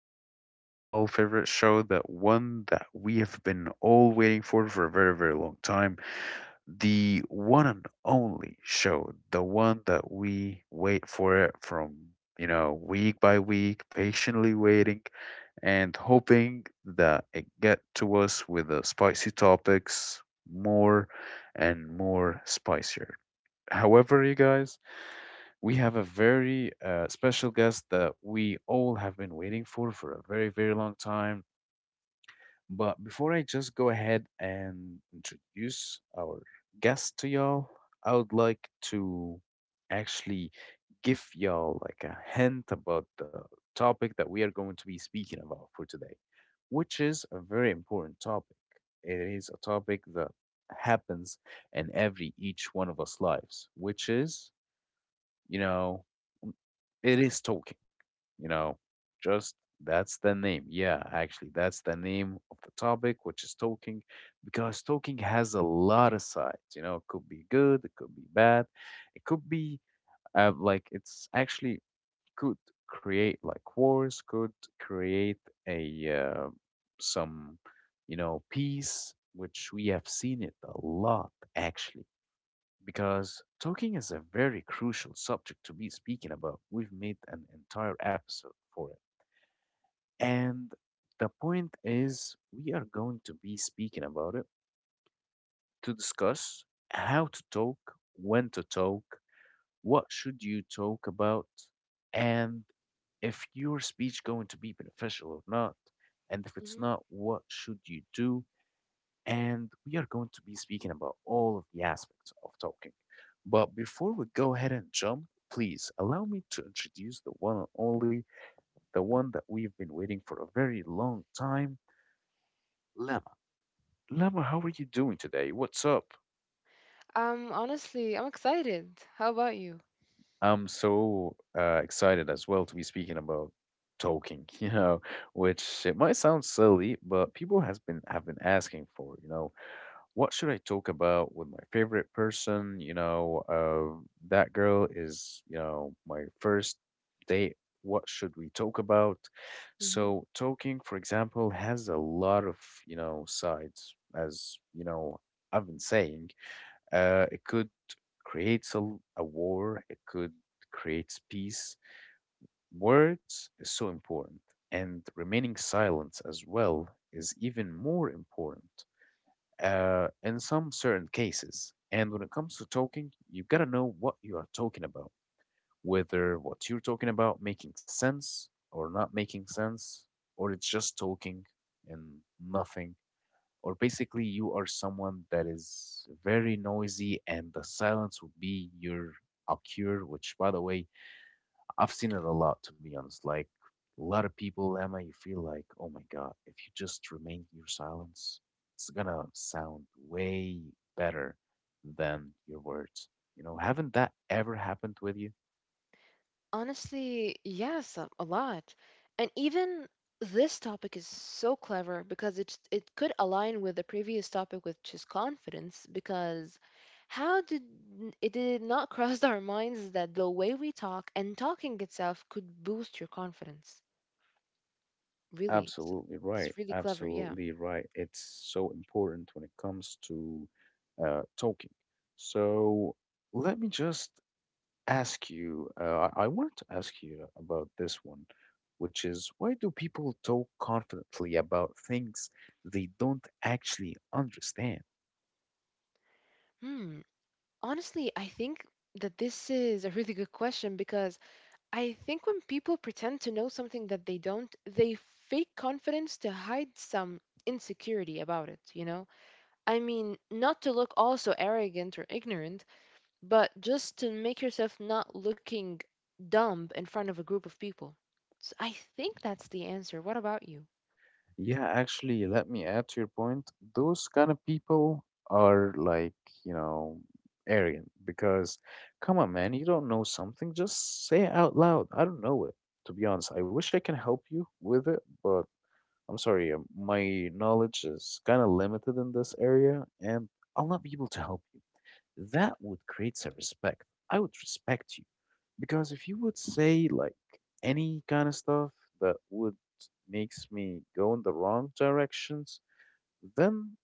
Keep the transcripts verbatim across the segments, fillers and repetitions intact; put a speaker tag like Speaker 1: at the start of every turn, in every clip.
Speaker 1: back to y'all favorite show, the one that we have been all waiting for for a very, very long time. The one and only show, the one that we wait for it from, you know, week by week, patiently waiting and hoping that it get to us with the spicy topics more and more spicier. However, you guys, we have a very uh, special guest that we all have been waiting for for a very, very long time. But before I just go ahead and introduce our guest to y'all, I would like to actually give y'all like a hint about the topic that we are going to be speaking about for today, which is a very important topic. It is a topic that happens in every each one of us lives, which is you know, it is talking, you know, just that's the name. Yeah, actually, that's the name of the topic, which is talking, because talking has a lot of sides. You know, it could be good, it could be bad, it could be uh, like it's actually could create like wars, could create a uh, some, you know, peace, which we have seen it a lot actually because talking is a very crucial subject to be speaking about. We've made an entire episode for it. And the point is, we are going to be speaking about it to discuss how to talk, when to talk, what should you talk about, and if your speech going to be beneficial or not, and if it's
Speaker 2: hmm
Speaker 1: not, what should you do and we are going to be speaking about all of the aspects of talking. But before we go ahead and jump, please allow me to introduce the one and only, the one that we've been waiting for a very long time, Lemma. Lemma, how are you doing today? What's up?
Speaker 2: Um, honestly, I'm excited. How about you?
Speaker 1: I'm so uh, excited as well to be speaking about talking, you know, which it might sound silly, but people has been have been asking for, you know what should I talk about with my favorite person? You know, uh, that girl is, you know, my first date. What should we talk about?
Speaker 2: hmm
Speaker 1: So, talking, for example, has a lot of, you know, sides, as, you know, I've been saying. Uh, it could create a, a war, it could create peace. Words is so important, and remaining silent as well is even more important uh, in some certain cases. And when it comes to talking, you gotta know what you are talking about, whether what you're talking about making sense or not making sense, or it's just talking and nothing, or basically you are someone that is very noisy and the silence would be your occur, which by the way I've seen it a lot, to be honest. Like a lot of people, Emma, you feel like, oh my God, if you just remain your silence, it's gonna sound way better than your words. You know, haven't that ever happened with you?
Speaker 2: Honestly, yes, a, a lot. And even this topic is so clever because it it could align with the previous topic, which is confidence, because how did n- it did not cross our minds that the way we talk and talking itself could boost your confidence. Really, so
Speaker 1: Absolutely right.
Speaker 2: it's really clever, yeah.
Speaker 1: Absolutely right. It's so important when it comes to uh, talking. So let me just ask you, uh, I I wanted to ask you about this one, which is why do people talk confidently about things they don't actually understand?
Speaker 2: Hmm. Honestly, I think that this is a really good question because I think when people pretend to know something that they don't, they fake confidence to hide some insecurity about it, you know? I mean, not to look also arrogant or ignorant, but just to make yourself not looking dumb in front of a group of people. So I think that's the answer. What about you?
Speaker 1: Yeah, actually, let me add to your point. Those kind of people are like, you know, arrogant because, come on, man, you don't know something, just say it out loud. I don't know it. To be honest, I wish I can help you with it, but I'm sorry, uh, my knowledge is kind of limited in this area, and I'll not be able to help you. That would create some respect. I would respect you. Because if you would say, like, any kind of stuff that would makes me go in the wrong directions, then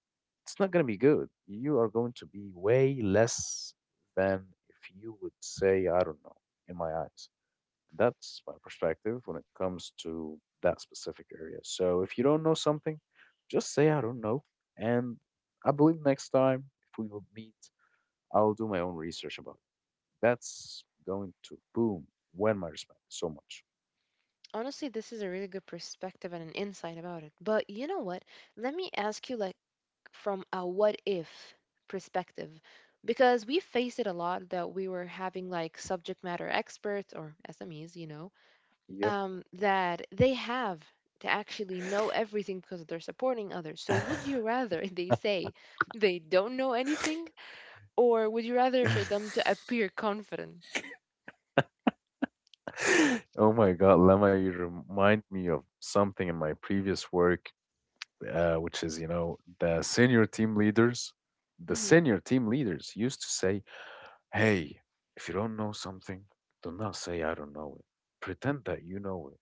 Speaker 1: it's not going to be good. You are going to be way less than if you would say, I don't know, in my eyes. That's my perspective when it comes to that specific area. So if you don't know something, just say I don't know. And I believe next time if we will meet, I'll do my own research about it. That's going to boom win my respect so much.
Speaker 2: Honestly, this is a really good perspective and an insight about it. But you know what? Let me ask you, like, from a what if perspective because we face it a lot that we were having like subject matter experts or S M Es, you know,
Speaker 1: Yep.
Speaker 2: um, that they have to actually know everything because they're supporting others. So would you rather they say they don't know anything or would you rather for them to appear confident?
Speaker 1: Oh my God, Lemma, you remind me of something in my previous work, uh, which is, you know, the senior team leaders. The
Speaker 2: hmm
Speaker 1: senior team leaders used to say, "Hey, if you don't know something, do not say I don't know it. Pretend that you know it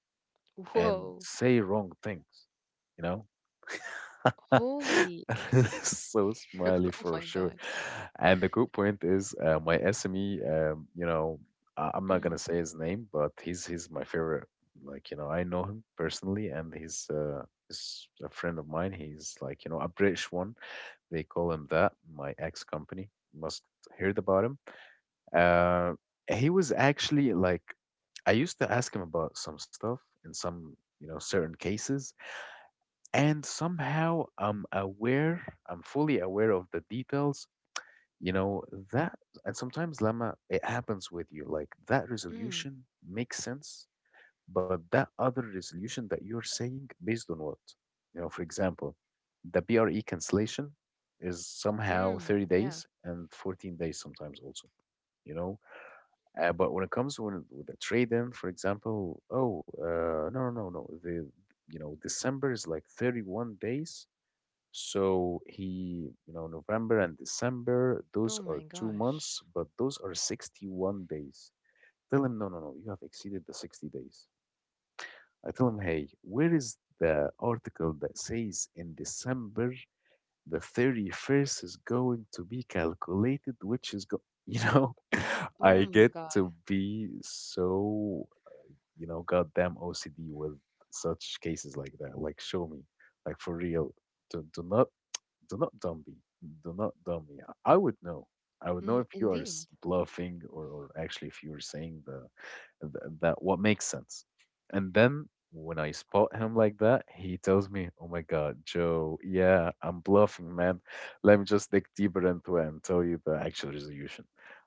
Speaker 1: and
Speaker 2: Whoa.
Speaker 1: say wrong things, you know?"
Speaker 2: Holy.
Speaker 1: So
Speaker 2: Oh
Speaker 1: smiley
Speaker 2: my
Speaker 1: for
Speaker 2: God.
Speaker 1: sure. And the good point is, uh, my S M E, um, you know, I- I'm not
Speaker 2: hmm
Speaker 1: gonna say his name, but he's he's my favorite. Like you know, I know him personally, and he's uh, he's a friend of mine. He's like you know a British one. They call him that. My ex company must heard about him, uh, he was actually like, I used to ask him about some stuff in some, you know, certain cases, and somehow I'm aware, I'm fully aware of the details, you know, that, and sometimes Lama, it happens with you, like that
Speaker 2: mm
Speaker 1: resolution makes sense, but that other resolution that you're saying, based on what? You know, for example, the B R E cancellation is somehow
Speaker 2: mm.
Speaker 1: thirty
Speaker 2: Yeah.
Speaker 1: days and fourteen days sometimes also you know uh, but when it comes when, with the trade-in, for example, oh, uh, no, no, no, no, the you know December is like thirty one days, so he you know November and December those
Speaker 2: Oh
Speaker 1: are
Speaker 2: my
Speaker 1: two months,
Speaker 2: gosh.
Speaker 1: but those are sixty one days. Tell him no, no, no, you have exceeded the sixty days. I tell him, hey, where is the article that says in December the thirty first is going to be calculated, which is, go- you know,
Speaker 2: Oh
Speaker 1: I
Speaker 2: my
Speaker 1: get
Speaker 2: God.
Speaker 1: to be so, you know, goddamn O C D with such cases like that. Like, show me, like, for real. Do, do not do not dumb me. Do not dumb me. I would know. I would know
Speaker 2: Mhm.
Speaker 1: if you are
Speaker 2: Indeed.
Speaker 1: s- bluffing or, or actually if you're saying the, the that what makes sense. And then when I spot him like that, he tells me, "Oh my God, Joe, yeah, I'm bluffing, man. Let me just dig deeper into it and tell you the actual resolution."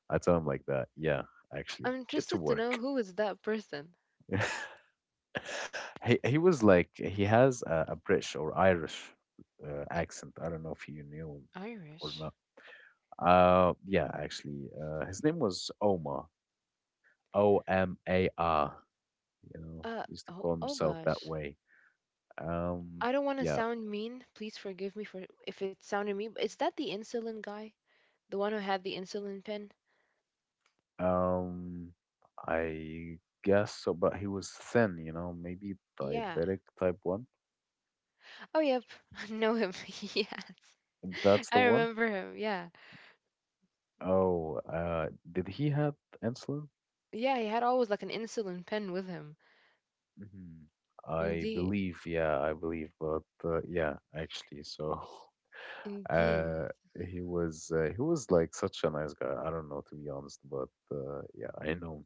Speaker 1: I tell him like that, "Yeah, actually,
Speaker 2: I'm
Speaker 1: get to
Speaker 2: interested to know
Speaker 1: work."
Speaker 2: who is that person.
Speaker 1: he he was like he has a, a British or Irish uh, accent. I don't know if you knew or
Speaker 2: Irish.
Speaker 1: not. Uh, yeah, actually, uh, his name was Omar, O M A R. You know,
Speaker 2: Uh,
Speaker 1: used to
Speaker 2: oh,
Speaker 1: call
Speaker 2: oh
Speaker 1: himself that
Speaker 2: gosh.
Speaker 1: way. Um,
Speaker 2: I don't want to
Speaker 1: yeah.
Speaker 2: sound mean. Please forgive me for if it sounded mean. But is that the insulin guy? The one who had the insulin pen?
Speaker 1: Um, I guess so, but he was thin. You know, maybe
Speaker 2: Yeah.
Speaker 1: diabetic type one.
Speaker 2: Oh yep. I know him. Yes.
Speaker 1: That's the
Speaker 2: I
Speaker 1: one.
Speaker 2: remember him. Yeah.
Speaker 1: Oh, uh, did he have insulin?
Speaker 2: Yeah, he had always like an insulin pen with him.
Speaker 1: hmm I
Speaker 2: Indeed.
Speaker 1: believe, yeah, I believe, but uh, yeah, actually, so
Speaker 2: Indeed.
Speaker 1: Uh, he was uh, he was like such a nice guy. I don't know to be honest, but uh, yeah, I know.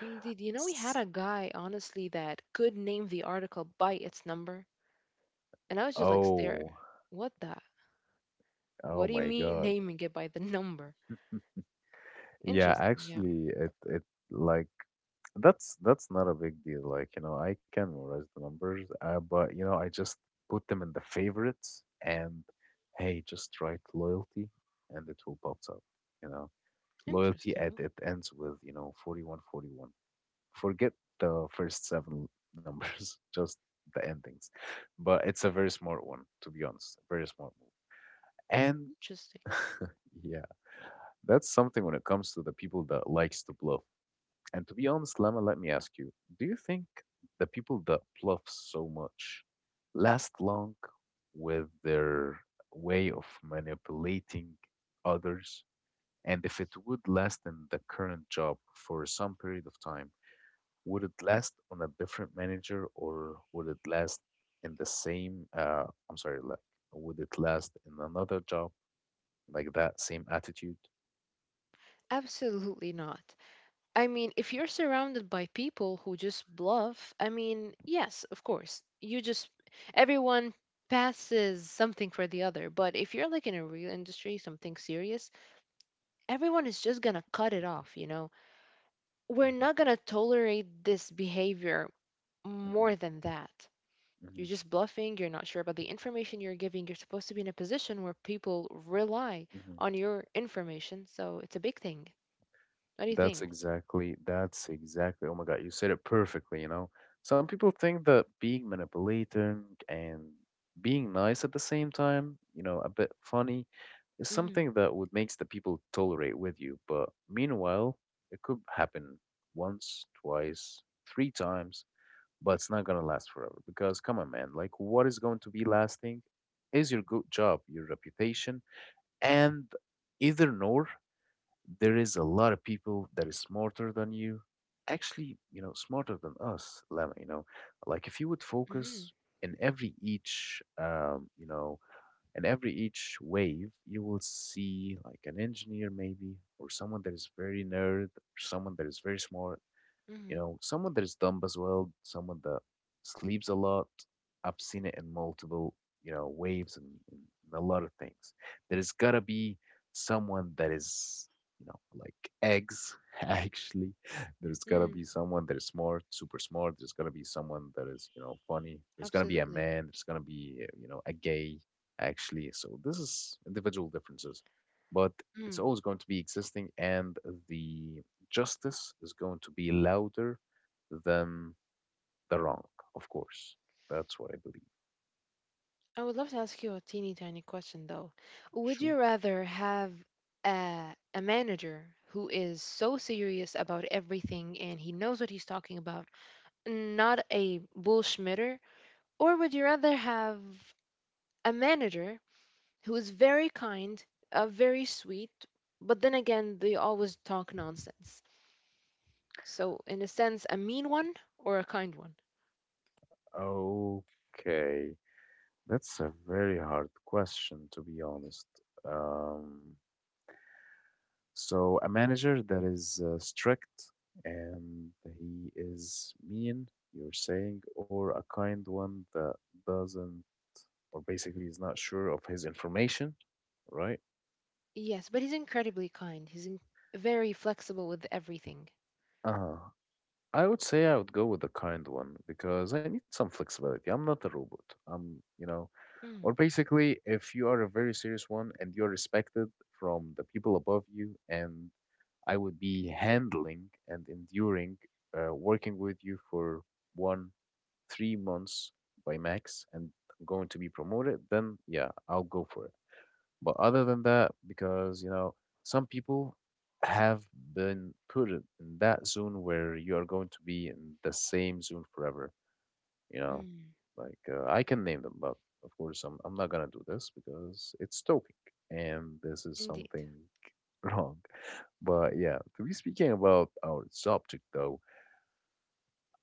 Speaker 2: Indeed. You know, we had
Speaker 1: S-
Speaker 2: a guy, honestly, that could name the article by its number. And I was just like, stare.
Speaker 1: Oh,
Speaker 2: What the? What
Speaker 1: oh
Speaker 2: do you
Speaker 1: my
Speaker 2: mean
Speaker 1: God.
Speaker 2: naming it by the number?
Speaker 1: Yeah,
Speaker 2: Interesting, yeah.
Speaker 1: actually, it it like that's that's not a big deal. Like you know, I can memorize the numbers, uh, but you know, I just put them in the favorites and hey, just write loyalty, and it will pop up. You know, loyalty
Speaker 2: Interesting,
Speaker 1: at it ends with you know forty one forty one. Forget the first seven numbers, just the endings. But it's a very smart one, to be honest. Very smart move. And
Speaker 2: interesting.
Speaker 1: yeah, that's something when it comes to the people that likes to bluff. And to be honest, Lama, let me ask you, do you think the people that bluff so much last long with their way of manipulating others? And if it would last in the current job for some period of time, would it last on a different manager or would it last in the same uh I'm sorry like would it last in another job like that same attitude?
Speaker 2: Absolutely not. I mean, if you're surrounded by people who just bluff, I mean, yes, of course. You just, everyone passes something for the other. But if you're like in a real industry, something serious, everyone is just gonna cut it off, you know? We're
Speaker 1: Hmm.
Speaker 2: not gonna tolerate this behavior more than that.
Speaker 1: Hmm.
Speaker 2: You're just bluffing. You're not sure about the information you're giving. You're supposed to be in a position where people rely
Speaker 1: Hmm.
Speaker 2: on your information. So it's a big thing. What do you
Speaker 1: That's
Speaker 2: think?
Speaker 1: exactly, that's exactly. Oh my God, you said it perfectly, you know. Some people think that being manipulating and being nice at the same time, you know, a bit funny, is
Speaker 2: Mm-hmm.
Speaker 1: something that would makes the people tolerate with you. But meanwhile, it could happen once, twice, three times, but it's not gonna last forever. Because come on, man, like what is going to be lasting is your good job, your reputation, and either nor there is a lot of people that is smarter than you actually you know smarter than us Lemma you know like if you would
Speaker 2: Mm-hmm.
Speaker 1: focus in every each um, you know in every each wave you will see like an engineer maybe or someone that is very nerd or someone that is very smart you
Speaker 2: Mm-hmm.
Speaker 1: know, someone that is dumb as well, someone that sleeps a lot. I've seen it in multiple, you know, waves and, and a lot of things. There's gotta be someone that is, you know, like eggs, actually. There's gotta
Speaker 2: Mm-hmm.
Speaker 1: be someone that is smart, super smart. There's gotta be someone that is, you know, funny. There's gonna be a
Speaker 2: Absolutely.
Speaker 1: man. There's gonna be, uh, you know, a gay, actually. So this is individual differences, but it's
Speaker 2: Mm.
Speaker 1: always going to be existing and the justice is going to be louder than the wrong, of course. That's what I believe.
Speaker 2: I would love to ask you a teeny tiny question though. Would
Speaker 1: Sure.
Speaker 2: you rather have a, a manager who is so serious about everything and he knows what he's talking about, not a bullshmitter, or would you rather have a manager who is very kind, uh, very sweet, but then again, they always talk nonsense. So, in a sense, a mean one or a kind one.
Speaker 1: Okay. That's a very hard question, to be honest. Um, so, a manager that is uh, strict and he is mean, you're saying, or a kind one that doesn't, or basically is not sure of his information, right?
Speaker 2: Yes, but he's incredibly kind. He's in- very flexible with everything.
Speaker 1: Uh huh. I would say I would go with the kind one because I need some flexibility. I'm not a robot. I'm, you know, or
Speaker 2: Mm,
Speaker 1: basically, if you are a very serious one and you're respected from the people above you, and I would be handling and enduring uh, working with you for one, three months by max, and going to be promoted, then yeah, I'll go for it. But other than that, because you know, some people have been put in that zone where you are going to be in the same zone forever, you know.
Speaker 2: mm,
Speaker 1: Like uh, I can name them, but of course I'm I'm not gonna do this because it's stalking and this is
Speaker 2: Indeed.
Speaker 1: something wrong. But yeah, to be speaking about our subject though,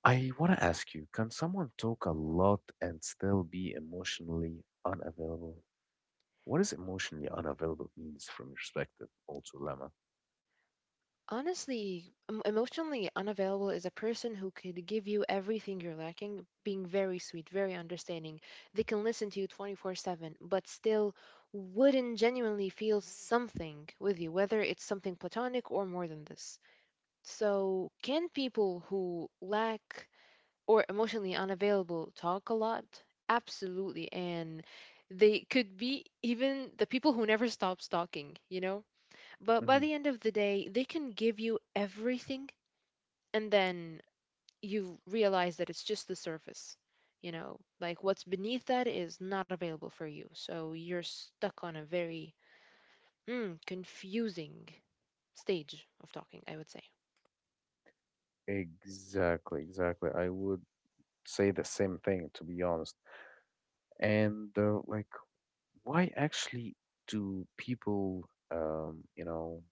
Speaker 1: I want to ask you, can someone talk a lot and still be emotionally unavailable? What does emotionally unavailable means from your perspective, also, Lemma?
Speaker 2: Honestly, em- emotionally unavailable is a person who could give you everything you're lacking, being very sweet, very understanding. They can listen to you twenty-four seven, but still wouldn't genuinely feel something with you, whether it's something platonic or more than this. So, can people who lack or emotionally unavailable talk a lot? Absolutely. And they could be even the people who never stops talking, you know? But by
Speaker 1: Mhm.
Speaker 2: the end of the day, they can give you everything, and then you realize that it's just the surface. You know, like what's beneath that is not available for you. So you're stuck on a very mm, confusing stage of talking, I would say.
Speaker 1: Exactly, exactly. I would say the same thing, to be honest. And uh, like, why actually do people, um, you know,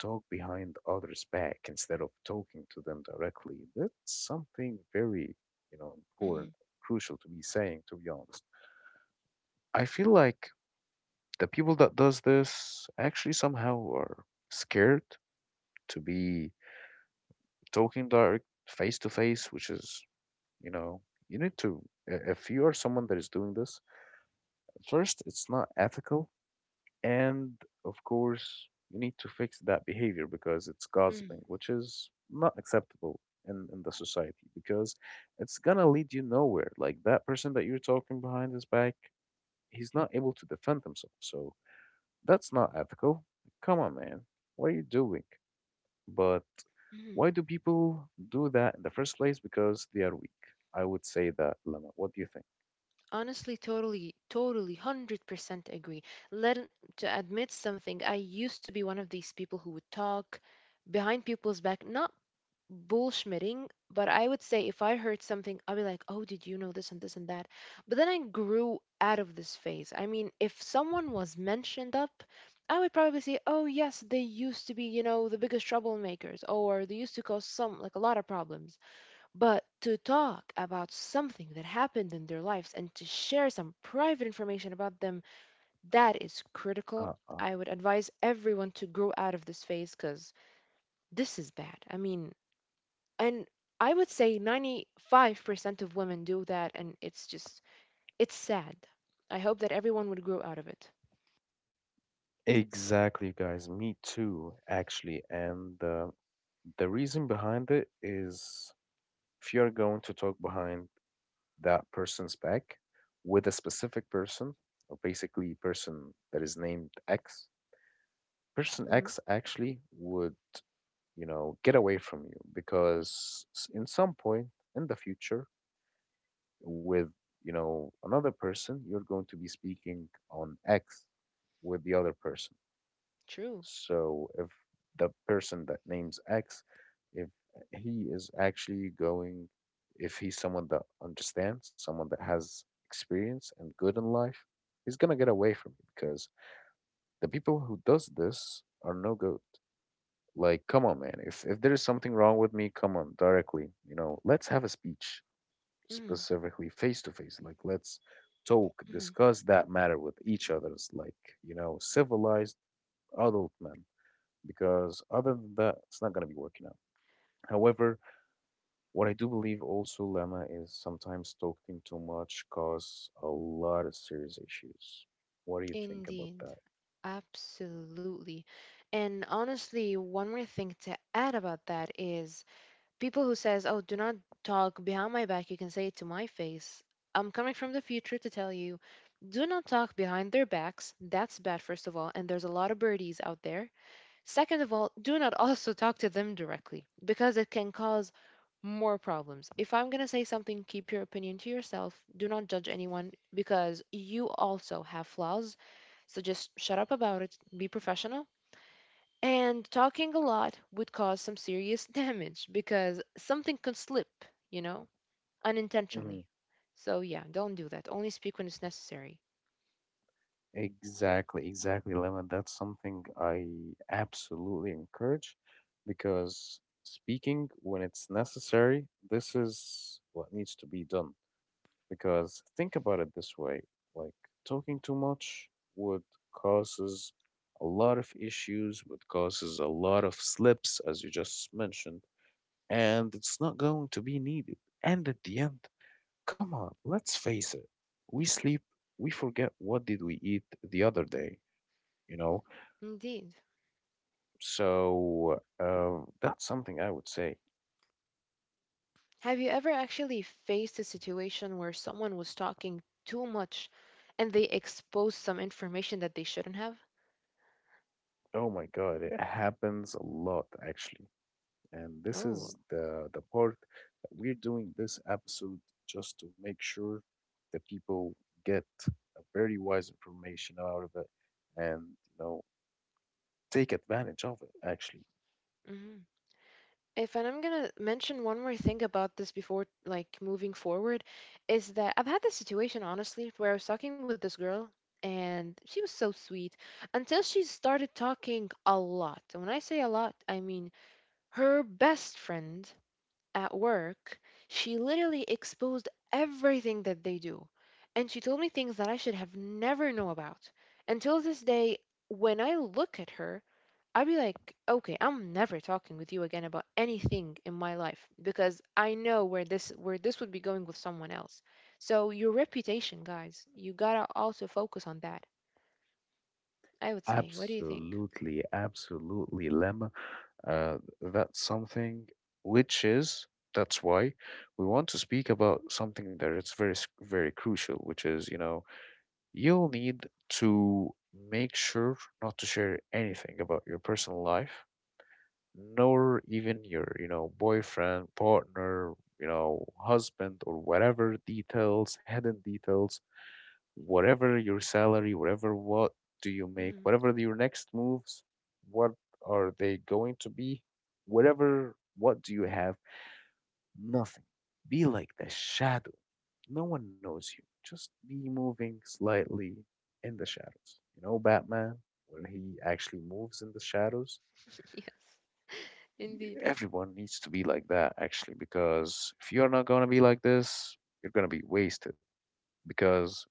Speaker 1: talk behind others' back instead of talking to them directly? That's something very, you know, important,
Speaker 2: hmm
Speaker 1: crucial to be saying, to be honest. I feel like the people that does this actually somehow are scared to be talking direct face to face, which is, you know, you need to, i- if you are someone that is doing this, first, it's not ethical. And of course, you need to fix that behavior because it's gossiping,
Speaker 2: hmm
Speaker 1: which is not acceptable in, in the society because it's going to lead you nowhere. Like that person that you're talking behind his back, he's not able to defend himself. So that's not ethical. Come on, man. What are you doing? But
Speaker 2: hmm
Speaker 1: why do people do that in the first place? Because they are weak. I would say that, Lama. What do you think?
Speaker 2: Honestly, totally, totally, one hundred percent agree. Let to admit something, I used to be one of these people who would talk behind people's back, not bullshmitting, but I would say if I heard something, I'll be like, oh, did you know this and this and that? But then I grew out of this phase. I mean, if someone was mentioned up, I would probably say, oh, yes, they used to be, you know, the biggest troublemakers, or they used to cause some, like a lot of problems. But to talk about something that happened in their lives and to share some private information about them, that is critical.
Speaker 1: Uh, uh,
Speaker 2: I would advise everyone to grow out of this phase because this is bad. I mean, and I would say ninety-five percent of women do that, and it's just, it's sad. I hope that everyone would grow out of it.
Speaker 1: exactly, guys. Me too, actually. And uh, the reason behind it is if you're going to talk behind that person's back with a specific person, or basically person that is named X, person
Speaker 2: hmm
Speaker 1: X actually would, you know, get away from you because s- in some point in the future with you know another person you're going to be speaking on x with the other person
Speaker 2: True.
Speaker 1: so if the person that names x if he is actually going if he's someone that understands someone that has experience and good in life he's gonna get away from you because the people who does this are no good like come on man if if there is something wrong with me come on directly you know let's have a speech
Speaker 2: mm
Speaker 1: specifically face to face. Like, let's talk,
Speaker 2: mm
Speaker 1: discuss that matter with each others, like, you know, civilized adult men, because other than that, it's not going to be working out. However, what I do believe also, Lama, is sometimes talking too much cause a lot of serious issues. What do you think about
Speaker 2: Indeed.
Speaker 1: that?
Speaker 2: Absolutely. And honestly, one more thing to add about that is people who says, "Oh, do not talk behind my back. You can say it to my face." I'm coming from the future to tell you, do not talk behind their backs. That's bad, first of all. And there's a lot of birdies out there. Second of all, do not also talk to them directly because it can cause more problems. If I'm going to say something, keep your opinion to yourself. Do not judge anyone because you also have flaws. So just shut up about it, be professional. And talking a lot would cause some serious damage because something can slip, you know, unintentionally.
Speaker 1: Mhm.
Speaker 2: So yeah, don't do that. Only speak when it's necessary.
Speaker 1: Exactly, exactly, Lemon. That's something I absolutely encourage because speaking when it's necessary, this is what needs to be done. Because think about it this way, like talking too much would causes a lot of issues, would causes a lot of slips, as you just mentioned, and it's not going to be needed. And at the end, come on, let's face it, we sleep, we forget what did we eat the other day you know?
Speaker 2: Indeed.
Speaker 1: So uh, that's something I would say.
Speaker 2: Have you ever actually faced a situation where someone was talking too much and they exposed some information that they shouldn't have?
Speaker 1: Oh my God, it happens a lot actually. And this
Speaker 2: Oh,
Speaker 1: is the the part that we're doing this episode just to make sure that people get a very wise information out of it and you know take advantage of it actually.
Speaker 2: mhm. If, and I'm gonna mention one more thing about this before like moving forward, is that I've had this situation honestly where I was talking with this girl and she was so sweet until she started talking a lot. And when I say a lot, I mean her best friend at work, she literally exposed everything that they do. And she told me things that I should have never know about. Until this day, when I look at her, I'd be like, okay, I'm never talking with you again about anything in my life because I know where this where this would be going with someone else. So your reputation, guys, you gotta also focus on that. I would say. What do you think?
Speaker 1: Absolutely, absolutely, Lemma. Uh, that's something which is that's why we want to speak about something that it's very s- very crucial, which is you know you'll need to make sure not to share anything about your personal life, nor even your you know boyfriend, partner, you know husband or whatever details, hidden details whatever your salary, whatever what do you make,
Speaker 2: Mm,
Speaker 1: whatever your next moves, what are they going to be? Whatever, what do you have? Nothing. Be like the shadow. No one knows you. Just be moving slightly in the shadows. You know, Batman, when he actually moves in the shadows?
Speaker 2: yes, indeed.
Speaker 1: Everyone needs to be like that, actually, because if you're not going to be like this, you're going to be wasted because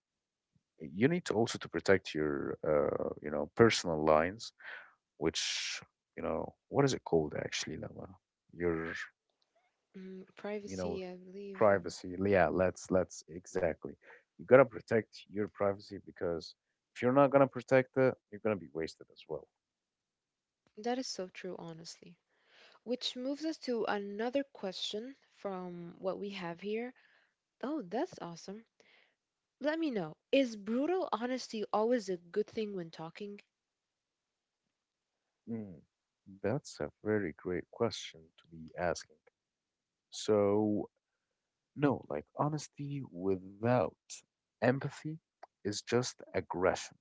Speaker 1: you need to also to protect your uh, you know personal lines which you know what is it called actually Lama? Your
Speaker 2: Mm,
Speaker 1: you know
Speaker 2: privacy, I believe. Um,
Speaker 1: privacy yeah let's let's exactly you gotta protect your privacy because if you're not gonna protect it you're gonna be wasted as well.
Speaker 2: that is so true, honestly. Which moves us to another question from what we have here. Oh, that's awesome. Let me know. Is brutal honesty always a good thing when talking?
Speaker 1: Mm. That's a very great question to be asking so no like honesty without empathy is just aggression.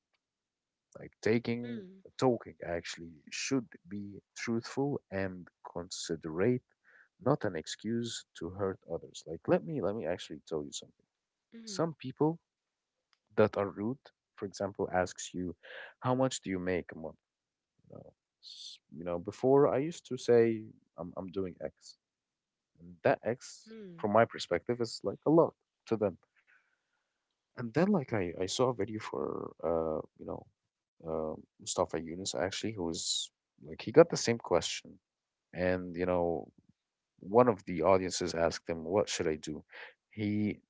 Speaker 1: Like taking
Speaker 2: Mm,
Speaker 1: talking actually should be truthful and considerate, not an excuse to hurt others. Like let me let me actually tell you something.
Speaker 2: mm,
Speaker 1: Some people that are rude, for example, asks you, "How much do you make a month?" You know, s- you know. Before I used to say, "I'm I'm doing X," and that X,
Speaker 2: mm,
Speaker 1: from my perspective, is like a lot to them. And then like I I saw a video for uh you know uh, Mustafa Yunus actually, who was like he got the same question, and you know one of the audiences asked him, "What should I do?" He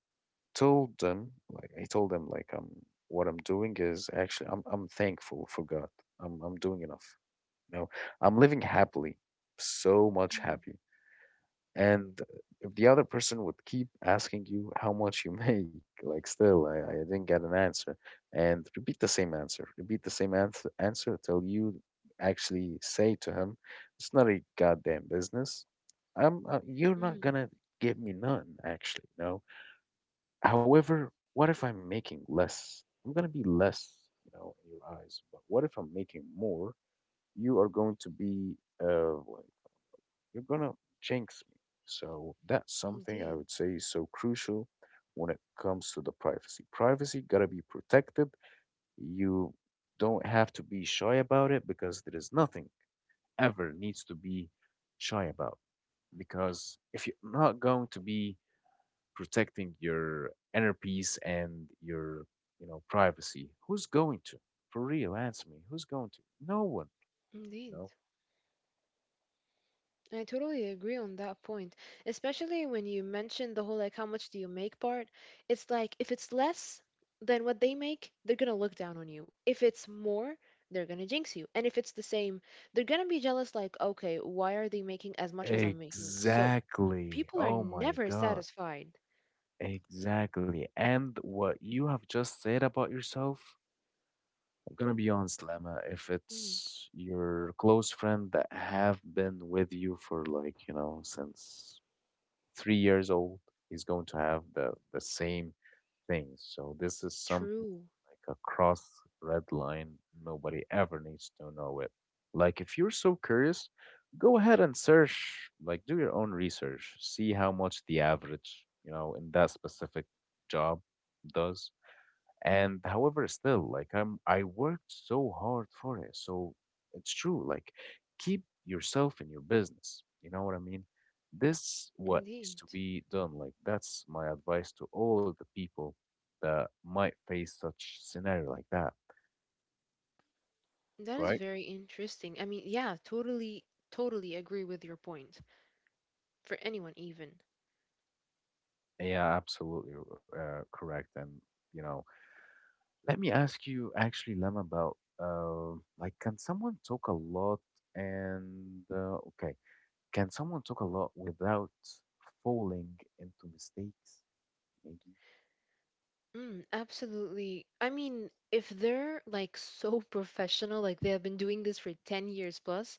Speaker 1: told them like he told them like um what I'm doing is actually I'm I'm thankful for God. I'm I'm doing enough. You know I'm living happily, so much
Speaker 2: mm,
Speaker 1: happy. And if the other person would keep asking you how much you make, like still, I, I didn't get an answer, and repeat the same answer, repeat the same ans answer till you actually say to him, it's not a goddamn business. I'm, uh, you're not
Speaker 2: mm.
Speaker 1: gonna give me none, actually, no. However, what if I'm making less? I'm gonna be less, you know, in your eyes. But what if I'm making more? You are going to be uh, you're gonna jinx me. So that's something I
Speaker 2: Indeed.
Speaker 1: would say is so crucial when it comes to the privacy. Privacy gotta be protected. You don't have to be shy about it because there is nothing ever needs to be shy about. Because if you're not going to be protecting your inner peace and your you know privacy, who's going to? For real, answer me. Who's going to? No one, you know.
Speaker 2: Indeed. I totally agree on that point, especially when you mentioned the whole like how much do you make part. It's like if it's less than what they make, they're gonna look down on you. If it's more, they're gonna jinx you. And if it's the same, they're gonna be jealous like, okay, why are they making as much as I'm making? So
Speaker 1: Exactly.
Speaker 2: people are
Speaker 1: Oh my
Speaker 2: never
Speaker 1: God.
Speaker 2: satisfied.
Speaker 1: Exactly. And what you have just said about yourself, I'm gonna be honest, Lama, if
Speaker 2: Mm,
Speaker 1: it's your close friend that have been with you for like, you know, since three years old, he's going to have the the same things. So this is something
Speaker 2: true,
Speaker 1: like a cross red line. Nobody ever needs to know it. Like if you're so curious, go ahead and search, like do your own research. See how much the average, you know, in that specific job does. And however, still, like I'm, I worked so hard for it. So it's true. Like, keep yourself in your business. You know what I mean? This what needs to
Speaker 2: indeed.
Speaker 1: be done. Like, that's my advice to all of the people that might face such scenario like that.
Speaker 2: That is
Speaker 1: Right?
Speaker 2: very interesting. I mean, yeah, totally, totally agree with your point. For anyone, even.
Speaker 1: Yeah, absolutely uh, correct. And you know, let me ask you actually, Lem, about uh, like, can someone talk a lot? And uh, okay. Can someone talk a lot without falling into mistakes? Maybe.
Speaker 2: Mm, absolutely. I mean, if they're like so professional, like they have been doing this for ten years plus,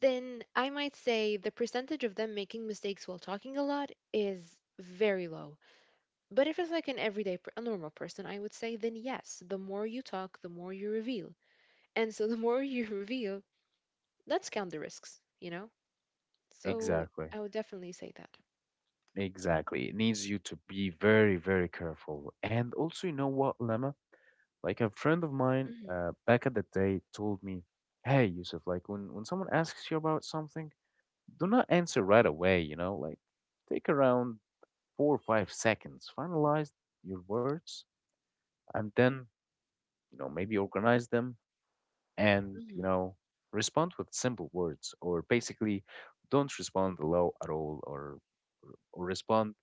Speaker 2: then I might say the percentage of them making mistakes while talking a lot is very low. But if it's like an everyday, per- a normal person, I would say, then yes, the more you talk, the more you reveal. And so the more you reveal, let's count the risks, you know? So
Speaker 1: Exactly.
Speaker 2: I would definitely say that.
Speaker 1: Exactly. It needs you to be very, very careful. And also, you know what, Lemma? Like a friend of mine
Speaker 2: hmm
Speaker 1: uh, back at the day told me, hey, Yusuf, like when, when someone asks you about something, do not answer right away, you know? Like take around four or five seconds, finalize your words, and then, you know, maybe organize them, and you
Speaker 2: hmm
Speaker 1: know respond with simple words, or basically don't respond low at all, or or respond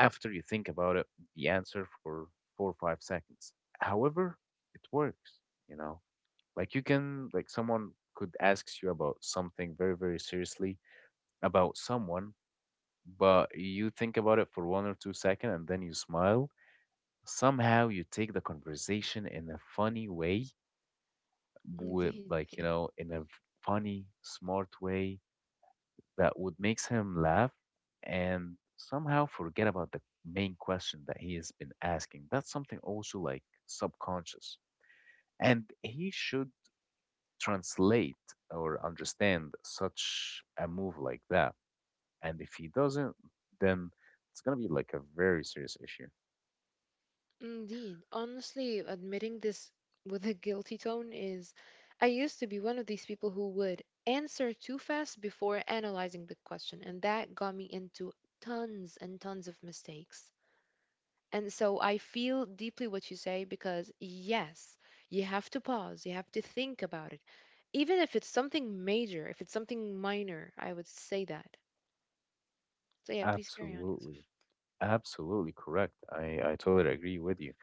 Speaker 1: after you think about it, the answer for four or five seconds, however it works, you know. Like you can, like someone could ask you about something very, very seriously about someone, but you think about it for one or two seconds and then you smile. Somehow you take the conversation in a funny way, with
Speaker 2: Indeed.
Speaker 1: like, you know in a funny, smart way that would makes him laugh and somehow forget about the main question that he has been asking. That's something also like subconscious, and he should translate or understand such a move like that. And if he doesn't, then it's going to be like a very serious issue.
Speaker 2: Indeed. Honestly, admitting this with a guilty tone is. I used to be one of these people who would answer too fast before analyzing the question, and that got me into tons and tons of mistakes. And so I feel deeply what you say because, yes, you have to pause, you have to think about it. Even if it's something major, if it's something minor, I would say that. So, yeah, please carry on, Yusuf.
Speaker 1: Absolutely, absolutely correct. I i totally agree with you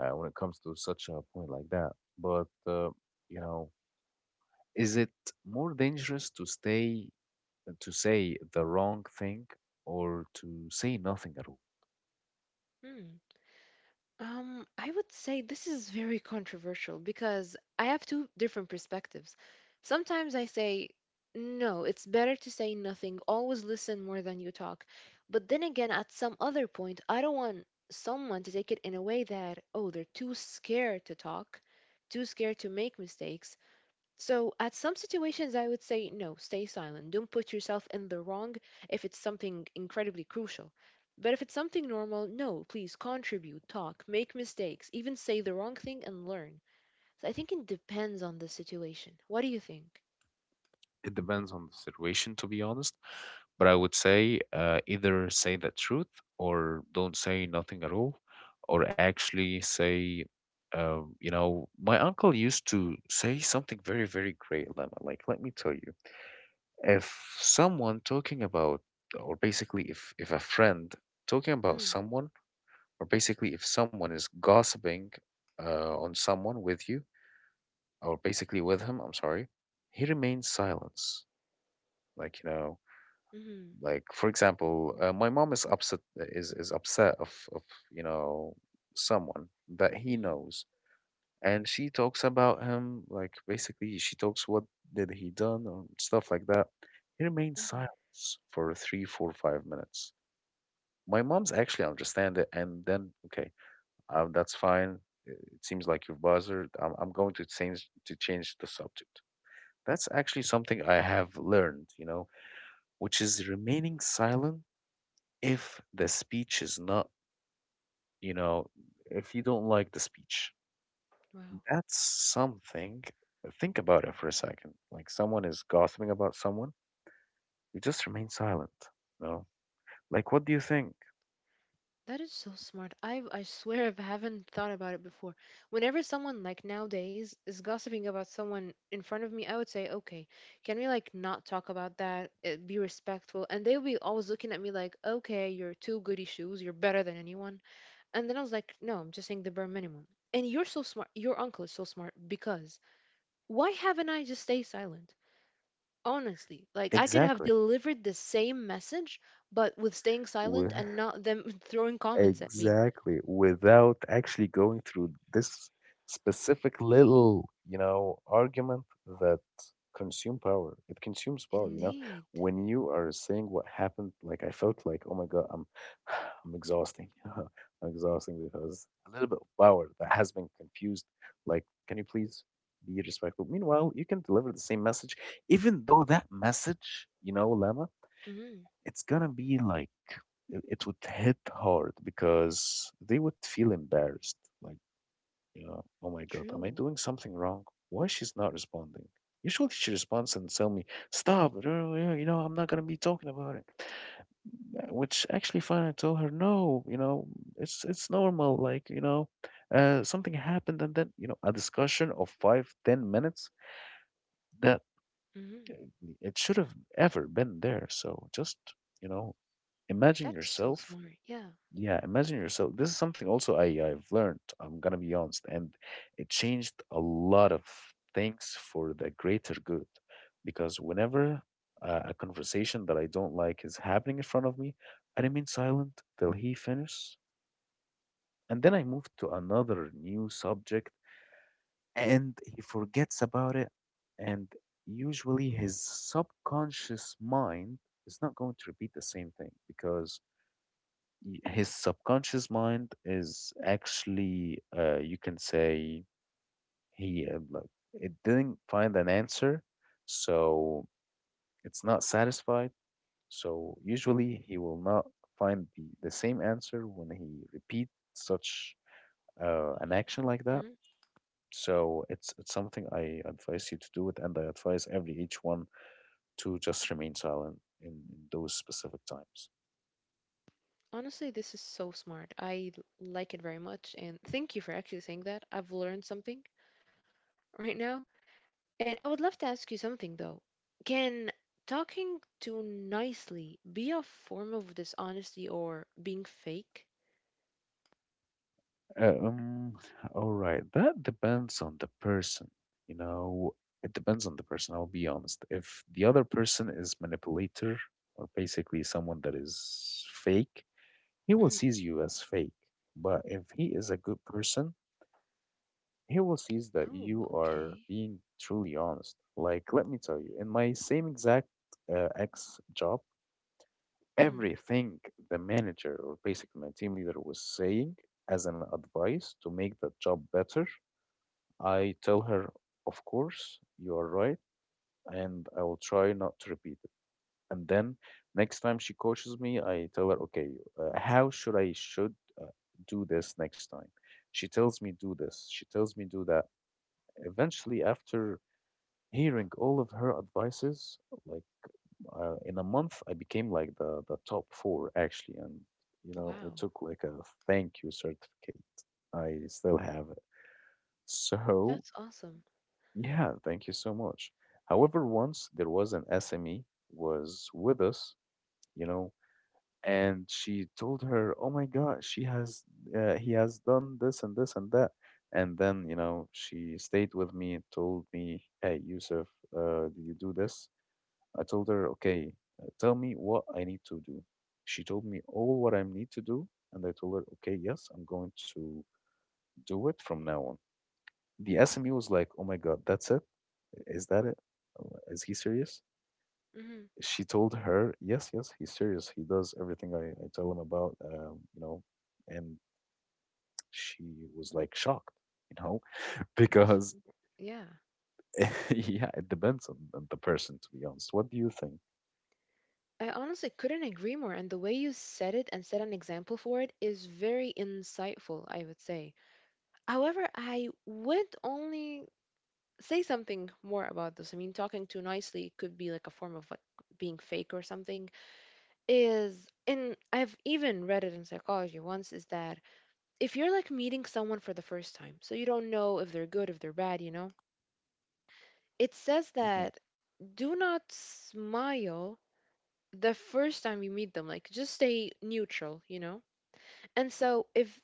Speaker 1: uh, when it comes to such a point like that. But uh, you know, is it more dangerous to stay uh, to say the wrong thing, or to say nothing at all?
Speaker 2: Hmm. Um, I would say this is very controversial because I have two different perspectives. Sometimes I say, no, it's better to say nothing, always listen more than you talk. But then again, at some other point, I don't want someone to take it in a way that, oh, they're too scared to talk, too scared to make mistakes. So, at some situations, I would say no, stay silent. Don't put yourself in the wrong if it's something incredibly crucial. But if it's something normal, no, please contribute, talk, make mistakes, even say the wrong thing and learn. So, I think it depends on the situation. What do you think?
Speaker 1: It depends on the situation, to be honest. But I would say uh, either say the truth or don't say nothing at all, or actually say. Uh, you know, my uncle used to say something very, very great, Lemma. Like, let me tell you. If someone talking about, or basically if if a friend talking about
Speaker 2: Mm,
Speaker 1: someone, or basically if someone is gossiping uh, on someone with you, or basically with him, I'm sorry, he remains silence, like, you know
Speaker 2: mm,
Speaker 1: like for example uh, my mom is upset, is is upset of of you know someone that he
Speaker 2: mm,
Speaker 1: knows, and she talks about him. Like basically, she talks what did he done or stuff like that, he remains
Speaker 2: mm.
Speaker 1: silent for three, four, five minutes My mom's actually understand it, and then okay, um, that's fine. It seems like you've bothered. i'm, I'm going to change to change the subject. That's actually something I have learned, you know, which is remaining silent if the speech is not, you know, if you don't like the speech.
Speaker 2: Wow.
Speaker 1: That's something. uh, Think about it for a second. Like someone is gossiping about someone, you just remain silent. You know? Like, what do you think?
Speaker 2: That is so smart. I I swear I haven't thought about it before. Whenever someone like nowadays is gossiping about someone in front of me, I would say, "Okay, can we like not talk about that? Uh, Be respectful." And they'll be always looking at me like, "Okay, you're two goody shoes. You're better than anyone." And then I was like, "No, I'm just saying the bare minimum." And you're so smart. Your uncle is so smart because why haven't I just stayed silent? Honestly, like I could have
Speaker 1: Exactly.
Speaker 2: delivered the same message, but with staying
Speaker 1: W-
Speaker 2: silent and not them throwing comments at me.
Speaker 1: Exactly, without actually going through this specific little, you know, argument that consume power. It consumes power, you know.
Speaker 2: Indeed.
Speaker 1: When you are saying what happened, like I felt like, oh my God, I'm I'm exhausting. I'm exhausting because a little bit of power that has been confused. Like, can you please be respectful? Meanwhile, you can deliver the same message, even though that message, you know, Lama,
Speaker 2: Mm,
Speaker 1: it's gonna be like, it it would hit hard because they would feel embarrassed. Like, you know, oh my God, am I
Speaker 2: true.
Speaker 1: doing something wrong? Why she's not responding? Usually she responds and tell me, stop, you know, yeah, you know, I'm not gonna be talking about it. Uh, Which actually fine, I told her, no, you know, it's it's normal. Like, you know, uh, something happened, and then, you know, a discussion of five, ten minutes that uh,
Speaker 2: Mm,
Speaker 1: it should have ever been there. So just, you know, imagine
Speaker 2: that is so
Speaker 1: yourself.
Speaker 2: smart. Yeah.
Speaker 1: Yeah, imagine yourself. This is something also I, I've learned, I'm gonna be honest, and it changed a lot of things for the greater good. Because whenever uh, a conversation that I don't like is happening in front of me, I remain silent till he finishes, and then I move to another new subject, and he forgets about it. And usually his subconscious mind is not going to repeat the same thing because y- his subconscious mind is actually uh, you can say he uh, like, it didn't find an answer, so it's not satisfied, so usually he will not find the, the same answer when he repeats such uh, an action like that.
Speaker 2: Mm.
Speaker 1: So it's it's something I advise you to do it, and I advise every each one to just remain silent in, in those specific times.
Speaker 2: Honestly, this is so smart. I l- like it very much. And thank you for actually saying that. I've learned something right now. And I would love to ask you something, though. Can talking too nicely be a form of dishonesty or being fake?
Speaker 1: Uh, um, all right. That depends on the person. You know, it depends on the person. I'll be honest. If the other person is manipulator, or basically someone that is fake, he will
Speaker 2: Mm.
Speaker 1: sees you as fake. But if he is a good person, he will sees that
Speaker 2: Oh,
Speaker 1: you are
Speaker 2: okay.
Speaker 1: being truly honest. Like, let me tell you, in my same exact uh, ex job,
Speaker 2: Mm.
Speaker 1: everything the manager, or basically my team leader, was saying as an advice to make the job better, I tell her, of course, you are right, and I will try not to repeat it. And then next time she coaches me, I tell her, okay, uh, how should I should uh, do this next time? She tells me do this. She tells me do that. Eventually, after hearing all of her advices, like uh, in a month, I became like the the top four actually, and you know, I
Speaker 2: Wow.
Speaker 1: took like a thank you certificate. I still have it. So,
Speaker 2: That's awesome.
Speaker 1: yeah, thank you so much. However, once there was an S M E was with us, you know, and she told her, "Oh my God, she has uh, he has done this and this and that." And then, you know, she stayed with me, and told me, "Hey, Yusuf, uh, did you do this?" I told her, "Okay, uh, tell me what I need to do." She told me all what I need to do, and I told her, "Okay, yes, I'm going to do it from now on." The S M E was like, "Oh my God, that's it? Is that it? Uh, Is he serious?"
Speaker 2: Mm.
Speaker 1: She told her, "Yes, yes, he's serious. He does everything I, I tell him about, um, you know." And she was like shocked, you know,
Speaker 2: Of,
Speaker 1: because
Speaker 2: yeah.
Speaker 1: yeah, it depends on, on the person, to be honest. What do you think?
Speaker 2: I honestly couldn't agree more. And the way you said it and set an example for it is very insightful, I would say. However, I would only say something more about this. I mean, talking too nicely could be like a form of like being fake or something. Is and I've even read it in psychology once is that if you're like meeting someone for the first time, so you don't know if they're good, if they're bad, you know, it says
Speaker 1: Hmm.
Speaker 2: that do not smile the first time you meet them. Like just stay neutral, you know? And so if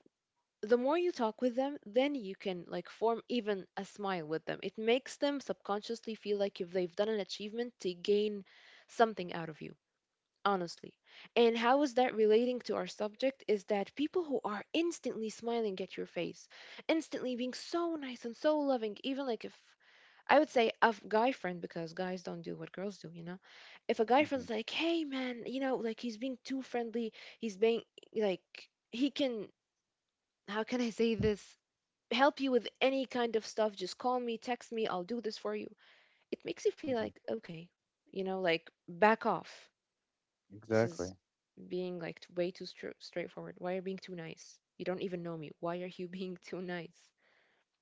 Speaker 2: the more you talk with them, then you can like form even a smile with them. It makes them subconsciously feel like if they've done an achievement to gain something out of you, honestly. And how is that relating to our subject is that people who are instantly smiling at your face, instantly being so nice and so loving, even like if I would say a f- guy friend because guys don't do what girls do, you know. If a guy
Speaker 1: Hmm.
Speaker 2: friend's like, "Hey man, you know, like he's being too friendly, he's being like he can how can I say this? Help you with any kind of stuff. Just call me, text me, I'll do this for you. It makes you feel
Speaker 1: Hmm.
Speaker 2: like, okay, you know, like back off. This is
Speaker 1: Exactly.
Speaker 2: being like t- way too stra- straightforward. Why are you being too nice? You don't even know me. Why are you being too nice?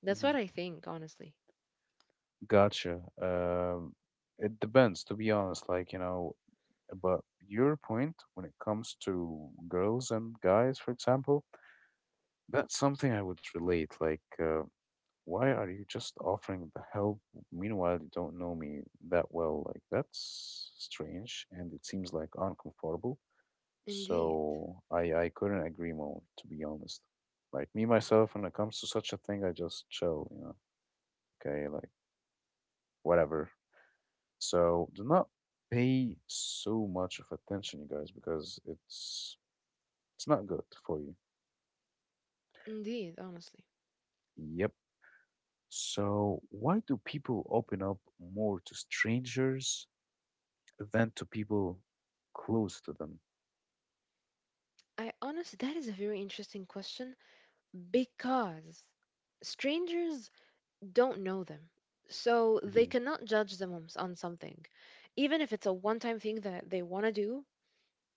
Speaker 2: That's
Speaker 1: Hmm.
Speaker 2: what I think, honestly.
Speaker 1: Gotcha. Um, it depends, to be honest. Like, you know, but your point when it comes to girls and guys, for example, that's something I would relate. Like, uh, why are you just offering the help? Meanwhile, you don't know me that well. Like, that's strange, and it seems like uncomfortable.
Speaker 2: Indeed.
Speaker 1: So I I couldn't agree more, to be honest. Like me myself, when it comes to such a thing, I just chill, you know. Okay, like whatever. So do not pay so much of attention, you guys, because it's it's not good for you.
Speaker 2: Indeed, honestly.
Speaker 1: Yep. So, why do people open up more to strangers than to people close to them?
Speaker 2: I honestly, that is a very interesting question because strangers don't know them. So they
Speaker 1: Hmm.
Speaker 2: cannot judge them on, s- on something. Even if it's a one time thing that they want to do,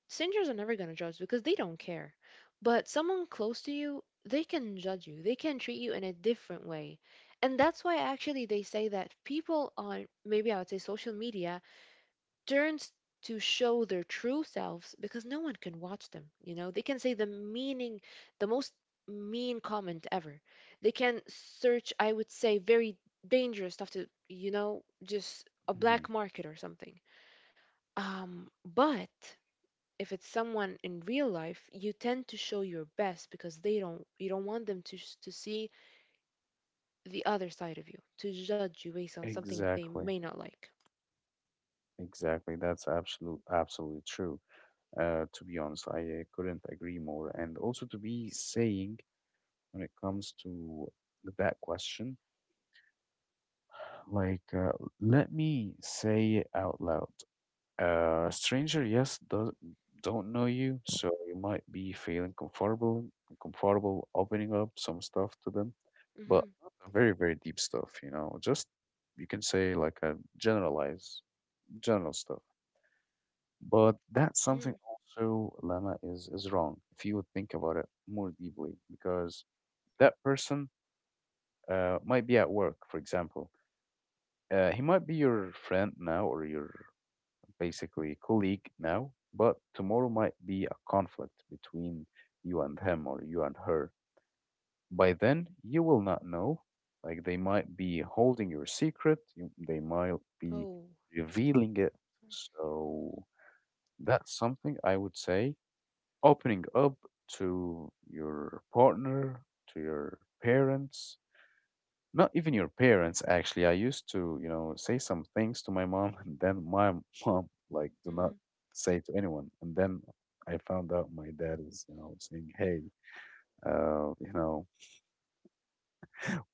Speaker 2: strangers are never going to judge because they don't care. But someone close to you, they can judge you, they can treat you in a different way. And that's why actually they say that people on maybe I would say social media turns to show their true selves because no one can watch them, you know. They can say the meaning the most mean comment ever. They can search, I would say, very dangerous stuff, to you know, just a
Speaker 1: Hmm.
Speaker 2: black market or something. um but if it's someone in real life, you tend to show your best because they don't, you don't want them to s- to see the other side of you, to judge you based on something they
Speaker 1: Exactly,
Speaker 2: may not like.
Speaker 1: exactly. That's absolute, absolutely true. Uh, to be honest, I uh, couldn't agree more. And also to be saying, when it comes to that question, like, uh, let me say it out loud. A stranger, yes, does, don't know you, so you might be feeling comfortable, comfortable opening up some stuff to them, but
Speaker 2: Mhm.
Speaker 1: not a very, very deep stuff, you know, just you can say like a generalized, general stuff. But that's something
Speaker 2: Mhm.
Speaker 1: also, Lama, is is wrong if you would think about it more deeply, because that person uh, might be at work, for example. Uh, he might be your friend now, or your basically colleague now, but tomorrow might be a conflict between you and him, or you and her. By then, you will not know. Like they might be holding your secret, you, they might be
Speaker 2: Oh.
Speaker 1: revealing it. So that's something I would say, opening up to your partner, to your parents, not even your parents actually. I used to, you know, say some things to my mom and then my mom like, do not
Speaker 2: Mhm.
Speaker 1: say to anyone, and then I found out my dad is, you know, saying, hey, uh you know,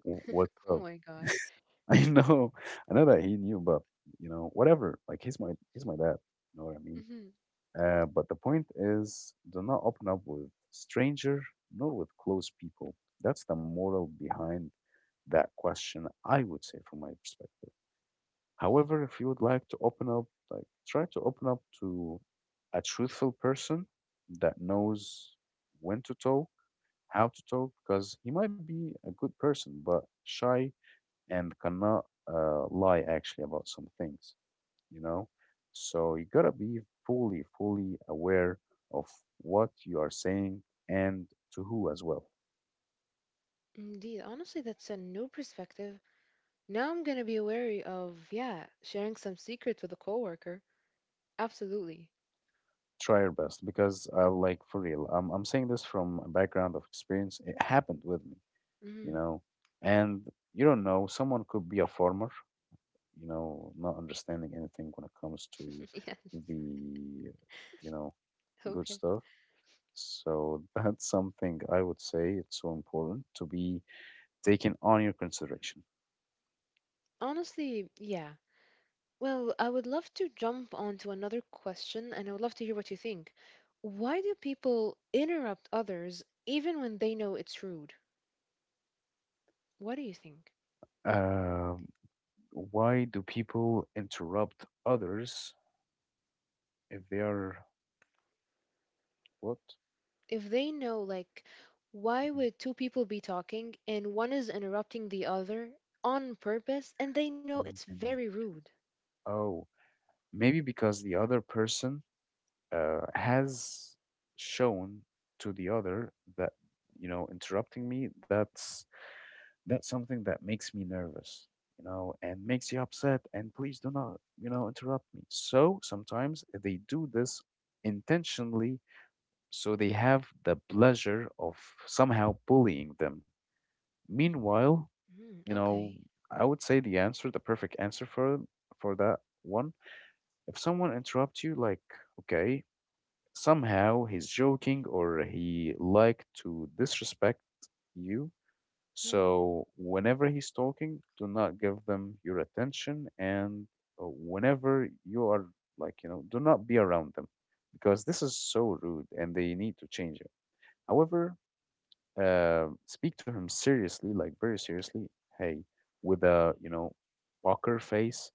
Speaker 1: w- what's
Speaker 2: Oh
Speaker 1: up?
Speaker 2: my god.
Speaker 1: I know. I know that he knew, but, you know, whatever. Like, he's my he's my dad, you know what I mean?
Speaker 2: Hmm.
Speaker 1: uh but the point is, do not open up with stranger nor with close people. That's the moral behind that question, I would say, from my perspective. However, if you would like to open up, like try to open up to a truthful person that knows when to talk, how to talk, because he might be a good person, but shy, and cannot uh, lie actually about some things, you know? So you gotta be fully, fully aware of what you are saying, and to who as well.
Speaker 2: Indeed. Honestly, that's a new perspective. Now I'm gonna be wary of, yeah, sharing some secrets with a coworker. Absolutely.
Speaker 1: Try your best because, uh, like, for real, I'm, I'm saying this from a background of experience. It happened with me. You
Speaker 2: Mm.
Speaker 1: know, and you don't know, someone could be a farmer, you know, not understanding anything when it comes to
Speaker 2: Yes.
Speaker 1: the, you know, good
Speaker 2: Okay.
Speaker 1: stuff. So that's something I would say it's so important to be taken on your consideration.
Speaker 2: Honestly, yeah. Well, I would love to jump on to another question, and I would love to hear what you think. Why do people interrupt others even when they know it's rude? What do you think?
Speaker 1: Um, why do people interrupt others if they are what?
Speaker 2: If they know, like, why
Speaker 1: Mhm.
Speaker 2: would two people be talking and one is interrupting the other on purpose and they know it's
Speaker 1: When they
Speaker 2: very rude?
Speaker 1: oh, maybe because the other person uh, has shown to the other that, you know, interrupting me, that's that's something that makes me nervous, you know, and makes you upset, and please do not, you know, interrupt me. So sometimes they do this intentionally so they have the pleasure of somehow bullying them meanwhile.
Speaker 2: Mm,
Speaker 1: you know
Speaker 2: okay.
Speaker 1: I would say the answer, the perfect answer for for that one: if someone interrupts you, like, okay, somehow he's joking or he like to disrespect you.
Speaker 2: Mm,
Speaker 1: So whenever he's talking, do not give them your attention, and uh, whenever you are, like, you know, do not be around them because this is so rude, and they need to change it. However, uh, speak to him seriously, like very seriously. Hey, with a, you know, poker face.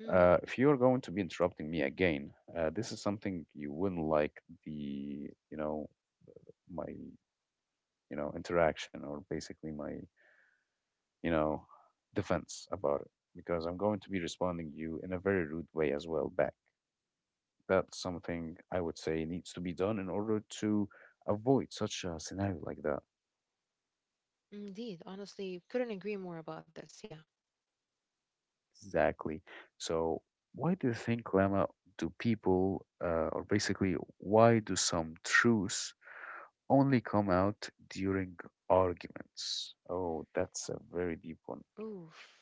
Speaker 2: hmm.
Speaker 1: Uh, if you're going to be interrupting me again, uh, this is something you wouldn't like, the, you know, my, you know, interaction, or basically my, you know, defense about it, because I'm going to be responding you in a very rude way as well back. That's something I would say needs to be done in order to avoid such a scenario like that.
Speaker 2: Indeed. Honestly, couldn't agree more about this. Yeah.
Speaker 1: Exactly. So why do you think, Lama, do people uh, or basically why do some truths only come out during arguments? Oh, that's a very deep one.
Speaker 2: Oof.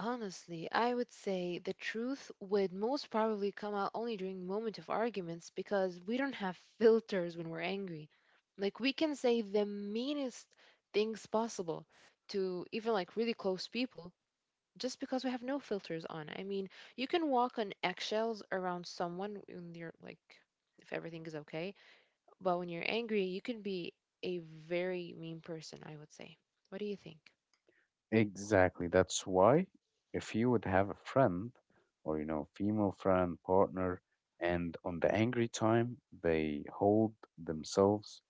Speaker 2: Honestly, I would say the truth would most probably come out only during moment of arguments because we don't have filters when we're angry. Like we can say the meanest things possible to even like really close people just because we have no filters on. I mean, you can walk on eggshells around someone when you're like if everything is okay. But when you're angry, you can be a very mean person, I would say. What do you think?
Speaker 1: Exactly. That's why if you would have a friend or, you know, female friend, partner, and on the angry time, they hold themselves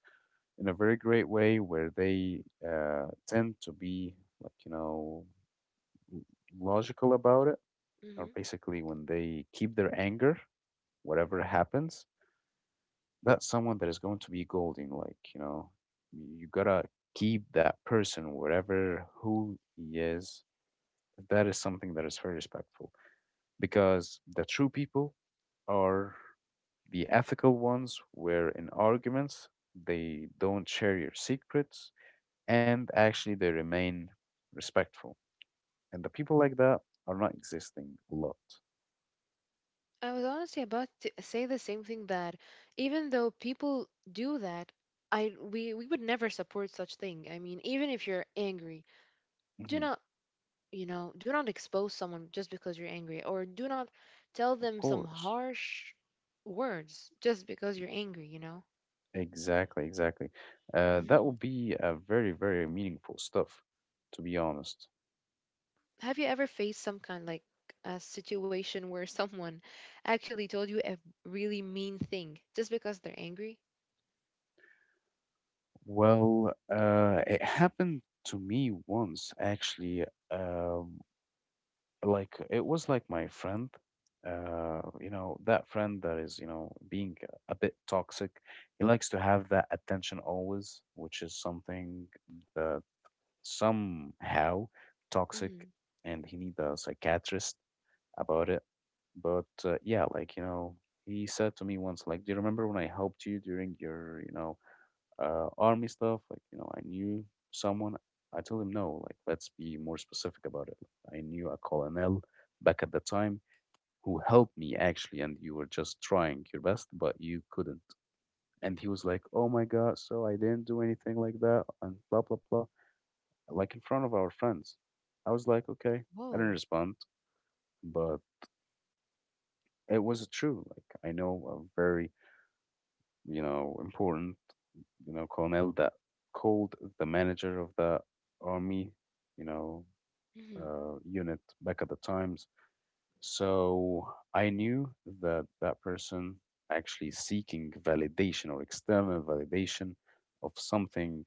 Speaker 1: in a very great way where they uh, tend to be, like, you know, logical about it, or
Speaker 2: Hmm.
Speaker 1: basically when they keep their anger, whatever happens, that's someone that is going to be golden. Like, you know, you gotta keep that person, whatever who he is. That is something that is very respectful. Because the true people are the ethical ones, where in arguments they don't share your secrets and actually they remain respectful. And the people like that are not existing a lot.
Speaker 2: I was honestly about to say the same thing that even though people do that, I we, we would never support such thing. I mean, even if you're angry, do
Speaker 1: Hmm.
Speaker 2: not you know do not expose someone just because you're angry, or do not tell
Speaker 1: Of
Speaker 2: them some
Speaker 1: course.
Speaker 2: harsh words just because you're angry. You know.
Speaker 1: Exactly, exactly. Uh, that
Speaker 2: Mhm.
Speaker 1: would be a very, very meaningful stuff to be honest.
Speaker 2: Have you ever faced some kind like a situation where someone actually told you a really mean thing just because they're angry?
Speaker 1: Well, uh, it happened to me once, actually. uh, like, it was like my friend, uh you know, that friend that is, you know, being a bit toxic. He likes to have that attention always, which is something that somehow toxic,
Speaker 2: Mm-hmm.
Speaker 1: and he need a psychiatrist about it. But uh, yeah, like, you know, he said to me once, like, do you remember when I helped you during your, you know, uh, army stuff? Like, you know, I knew someone. I told him, no, like, let's be more specific about it. Like, I knew a colonel back at the time who helped me actually, and you were just trying your best, but you couldn't. And he was like, oh my God, so I didn't do anything like that, and blah, blah, blah, like in front of our friends. I was like, okay, I didn't
Speaker 2: Whoa.
Speaker 1: respond, but it was true. Like, I know a very, you know, important, you know, colonel that called the manager of the army, you know,
Speaker 2: Mm-hmm.
Speaker 1: uh, unit back at the times. So I knew that that person actually seeking validation or external validation of something,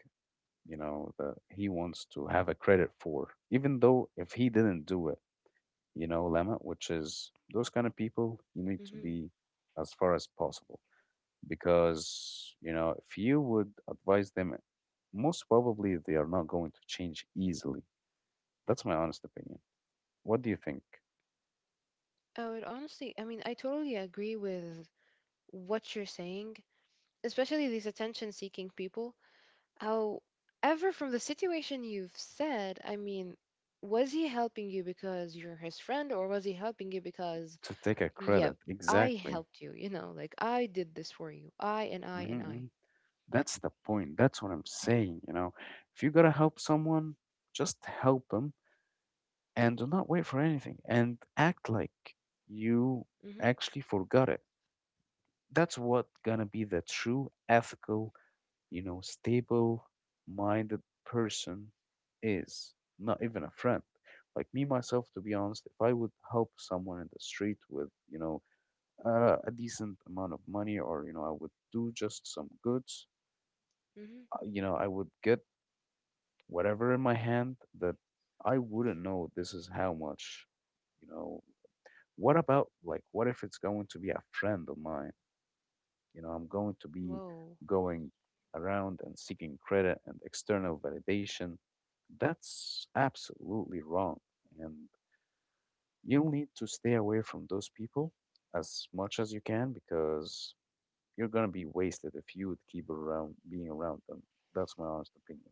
Speaker 1: you know, that he wants to have a credit for, even though if he didn't do it, you know, Lama, which is those kind of people you need to
Speaker 2: Mm-hmm.
Speaker 1: be as far as possible, because, you know, if you would advise them, most probably they are not going to change easily. That's my honest opinion. What do you think?
Speaker 2: Oh, it honestly, I mean, I totally agree with what you're saying, especially these attention-seeking people. However, from the situation you've said, I mean, was he helping you because you're his friend, or was he helping you because,
Speaker 1: To take a
Speaker 2: yep,
Speaker 1: credit,
Speaker 2: I
Speaker 1: exactly.
Speaker 2: helped you, you know, like I did this for you, I and I and
Speaker 1: Hmm.
Speaker 2: I.
Speaker 1: That's the point. That's what I'm saying, you know. If you gotta help someone, just help them and do not wait for anything and act like you
Speaker 2: Mm-hmm.
Speaker 1: actually forgot it. That's what gonna be the true ethical, you know, stable minded person is. Not even a friend. Like me, myself, to be honest, if I would help someone in the street with, you know, uh, a decent amount of money, or, you know, I would do just some goods,
Speaker 2: Mm-hmm.
Speaker 1: uh, you know, I would get whatever in my hand that I wouldn't know this is how much, you know. What about, like, what if it's going to be a friend of mine? You know, I'm going to be
Speaker 2: Whoa.
Speaker 1: going around and seeking credit and external validation. That's absolutely wrong. And you'll need to stay away from those people as much as you can, because you're going to be wasted if you would keep around being around them. That's my honest opinion.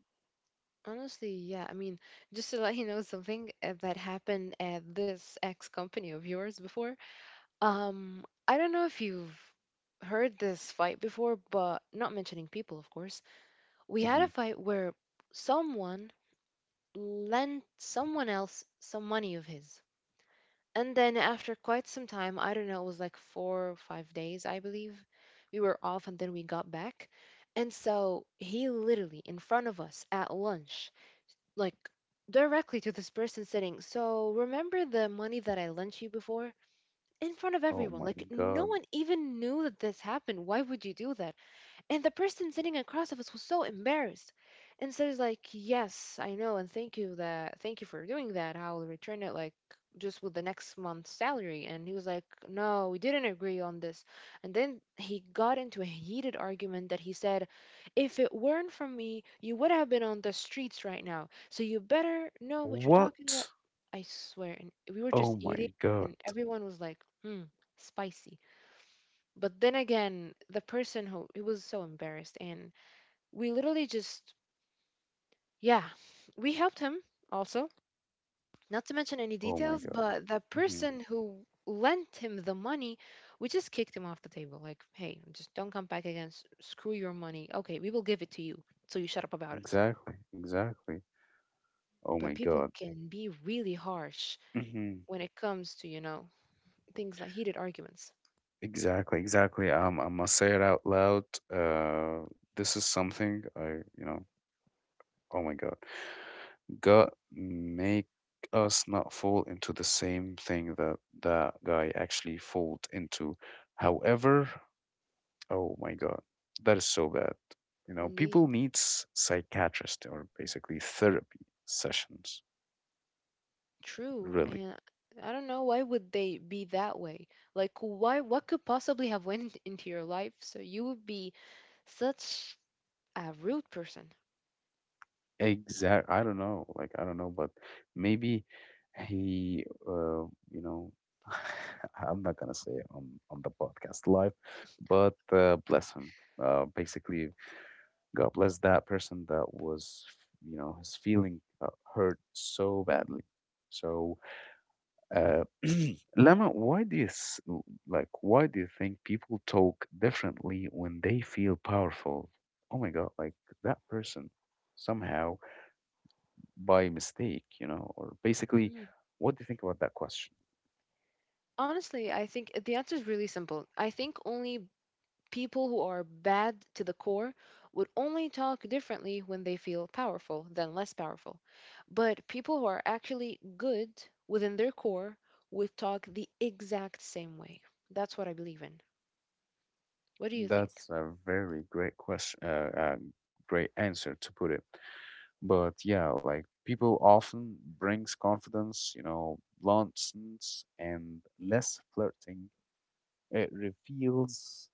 Speaker 2: Honestly, yeah. I mean, just to let you know something uh, that happened at this ex company of yours before. Um, I don't know if you've heard this fight before, but not mentioning people, of course. We had a
Speaker 1: Hmm.
Speaker 2: fight where someone lent someone else some money of his. And then after quite some time, I don't know, it was like four or five days, I believe, we were off and then we got back. And so he literally in front of us at lunch, like directly to this person sitting, So remember the money that I lent you before? In front of
Speaker 1: Oh
Speaker 2: everyone.
Speaker 1: my
Speaker 2: Like no
Speaker 1: God.
Speaker 2: one even knew that this happened. Why would you do that? And the person sitting across of us was so embarrassed. And so it's like, yes, I know, and thank you that thank you for doing that. I will return it like just with the next month's salary. And he was like, No, we didn't agree on this. And then he got into a heated argument that he said, If it weren't for me, you would have been on the streets right now. So you better know what you're talking about.
Speaker 1: What?
Speaker 2: I swear. And we were
Speaker 1: Oh
Speaker 2: just
Speaker 1: my
Speaker 2: eating
Speaker 1: God.
Speaker 2: and everyone was like, hmm, spicy. But then again, the person who he was so embarrassed, and we literally just yeah, we helped him also. Not to mention any
Speaker 1: Oh my
Speaker 2: details,
Speaker 1: God.
Speaker 2: but the
Speaker 1: Hmm.
Speaker 2: person who lent him the money, we just kicked him off the table. Like, hey, just don't come back again. s- Screw your money. Okay, we will give it to you. So you shut up about it.
Speaker 1: Exactly. Exactly. Oh
Speaker 2: But
Speaker 1: my
Speaker 2: people
Speaker 1: God.
Speaker 2: can be really harsh
Speaker 1: Hmm.
Speaker 2: when it comes to, you know, things like heated arguments.
Speaker 1: Exactly, exactly. Um, I must say it out loud. Uh, this is something I, you know, oh my God. God make us not fall into the same thing that that guy actually fall into. However, oh my God, that is so bad. You know, people
Speaker 2: Indeed.
Speaker 1: needs psychiatrist or basically therapy sessions,
Speaker 2: True,
Speaker 1: really.
Speaker 2: and I don't know why would they be that way. Like, why? What could possibly have went into your life so you would be such a rude person?
Speaker 1: Exact. I don't know. Like, I don't know, but maybe he, uh, you know, I'm not gonna say it on on the podcast live, but uh, bless him. Uh, basically, God bless that person that was, you know, his feeling uh, hurt so badly. So, uh, Lama, why do you s- like? Why do you think people talk differently when they feel powerful? Oh my God! Like that person somehow by mistake, you know, or basically,
Speaker 2: Mhm.
Speaker 1: what do you think about that question?
Speaker 2: Honestly, I think the answer is really simple. I think only people who are bad to the core would only talk differently when they feel powerful than less powerful. But people who are actually good within their core would talk the exact same way. That's what I believe in. What do you think?
Speaker 1: That's a very great question, uh, uh, great answer to put it. But yeah, like, people often brings confidence, you know, bluntness and less flirting. It reveals,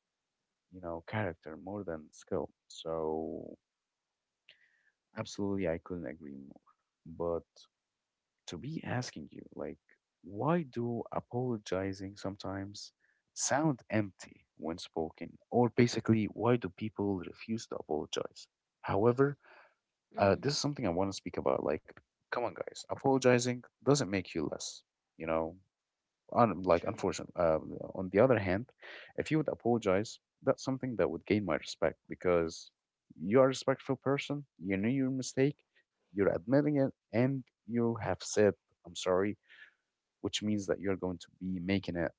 Speaker 1: you know, character more than skill. So absolutely, I couldn't agree more. To be asking you, like, why do apologizing sometimes sound empty when spoken? Or basically, why do people refuse to apologize? However, uh,
Speaker 2: Mm,
Speaker 1: this is something I want to speak about. Like, come on, guys, apologizing doesn't make you less, you know, un, like, unfortunate. Uh, on the other hand, if you would apologize, that's something that would gain my respect, because you are a respectful person. You knew your mistake, you're admitting it, and you have said "I'm sorry," which means that you're going to be making it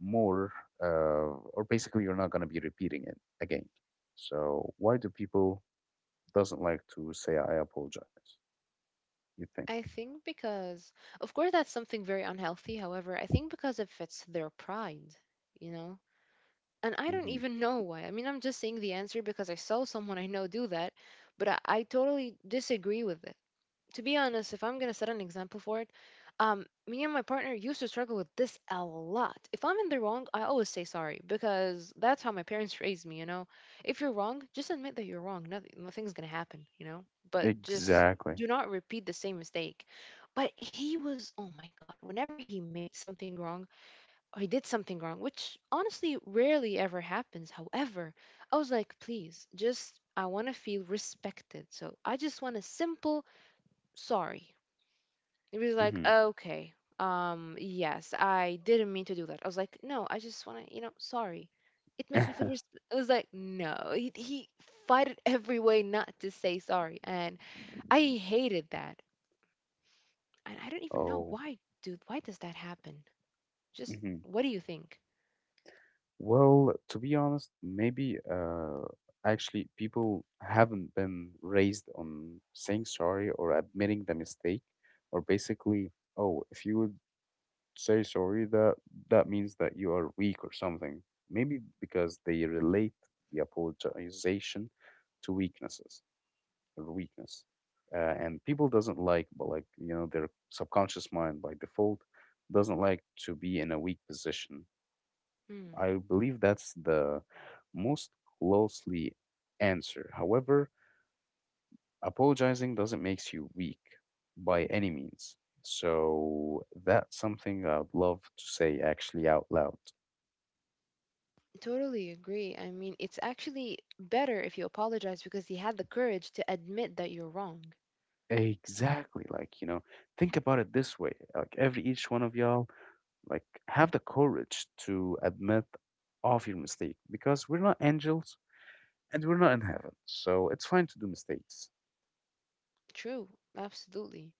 Speaker 1: more, uh, or basically you're not going to be repeating it again. So why do people doesn't like to say "I apologize"? You think?
Speaker 2: I think because, of course, that's something very unhealthy. However, I think because it fits their pride, you know? And I don't
Speaker 1: Hmm.
Speaker 2: even know why. I mean, I'm just saying the answer because I saw someone I know do that, but I, I totally disagree with it. To be honest, if I'm gonna set an example for it, um, me and my partner used to struggle with this a lot. If I'm in the wrong, I always say sorry because that's how my parents raised me. You know, if you're wrong, just admit that you're wrong. Nothing, nothing's gonna happen. You know, but just
Speaker 1: Exactly.
Speaker 2: do not repeat the same mistake. But he was, oh my god, whenever he made something wrong or he did something wrong, which honestly rarely ever happens. However, I was like, please, just I want to feel respected. So I just want a simple sorry. It was like,
Speaker 1: Hmm.
Speaker 2: okay, um, yes, I didn't mean to do that. I was like, no, I just want to, you know, sorry. It makes me feel. Res- it was like, no, he, he fought it every way not to say sorry, and I hated that. And I don't even know
Speaker 1: Oh.
Speaker 2: why, dude. Why does that happen? Just
Speaker 1: Mhm.
Speaker 2: what do you think?
Speaker 1: Well, to be honest, maybe uh, actually people haven't been raised on saying sorry or admitting the mistake, or basically, oh, if you would say sorry, that that means that you are weak or something. Maybe because they relate the apologization to weaknesses or weakness, uh, and people doesn't like, but, like, you know, their subconscious mind by default doesn't like to be in a weak position.
Speaker 2: Hmm.
Speaker 1: I believe that's the most closely answer. However, apologizing doesn't make you weak by any means. So that's something I'd love to say actually out loud.
Speaker 2: Totally agree. I mean, it's actually better if you apologize because he had the courage to admit that you're wrong.
Speaker 1: Exactly. Like, you know, think about it this way. Like every each one of y'all, like, have the courage to admit of your mistake, because we're not angels and we're not in heaven. So it's fine to do mistakes.
Speaker 2: True, absolutely.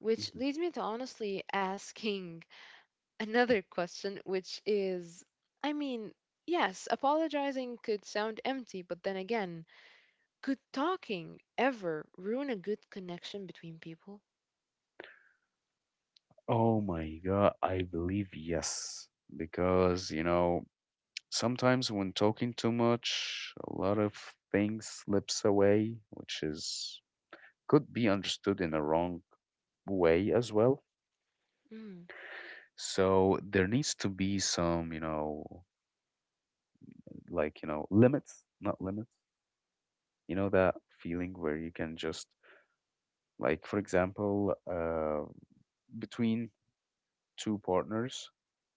Speaker 2: Which
Speaker 1: Mm-hmm.
Speaker 2: leads me to honestly asking another question, which is I mean, yes, apologizing could sound empty, but then again, could talking ever ruin a good connection between people?
Speaker 1: Oh my God, I believe yes. Because, you know, sometimes when talking too much, a lot of things slips away, which is could be understood in a wrong way as well.
Speaker 2: Mm,
Speaker 1: So there needs to be some, you know, like, you know, limits, not limits. You know that feeling where you can just, like, for example, uh, between two partners,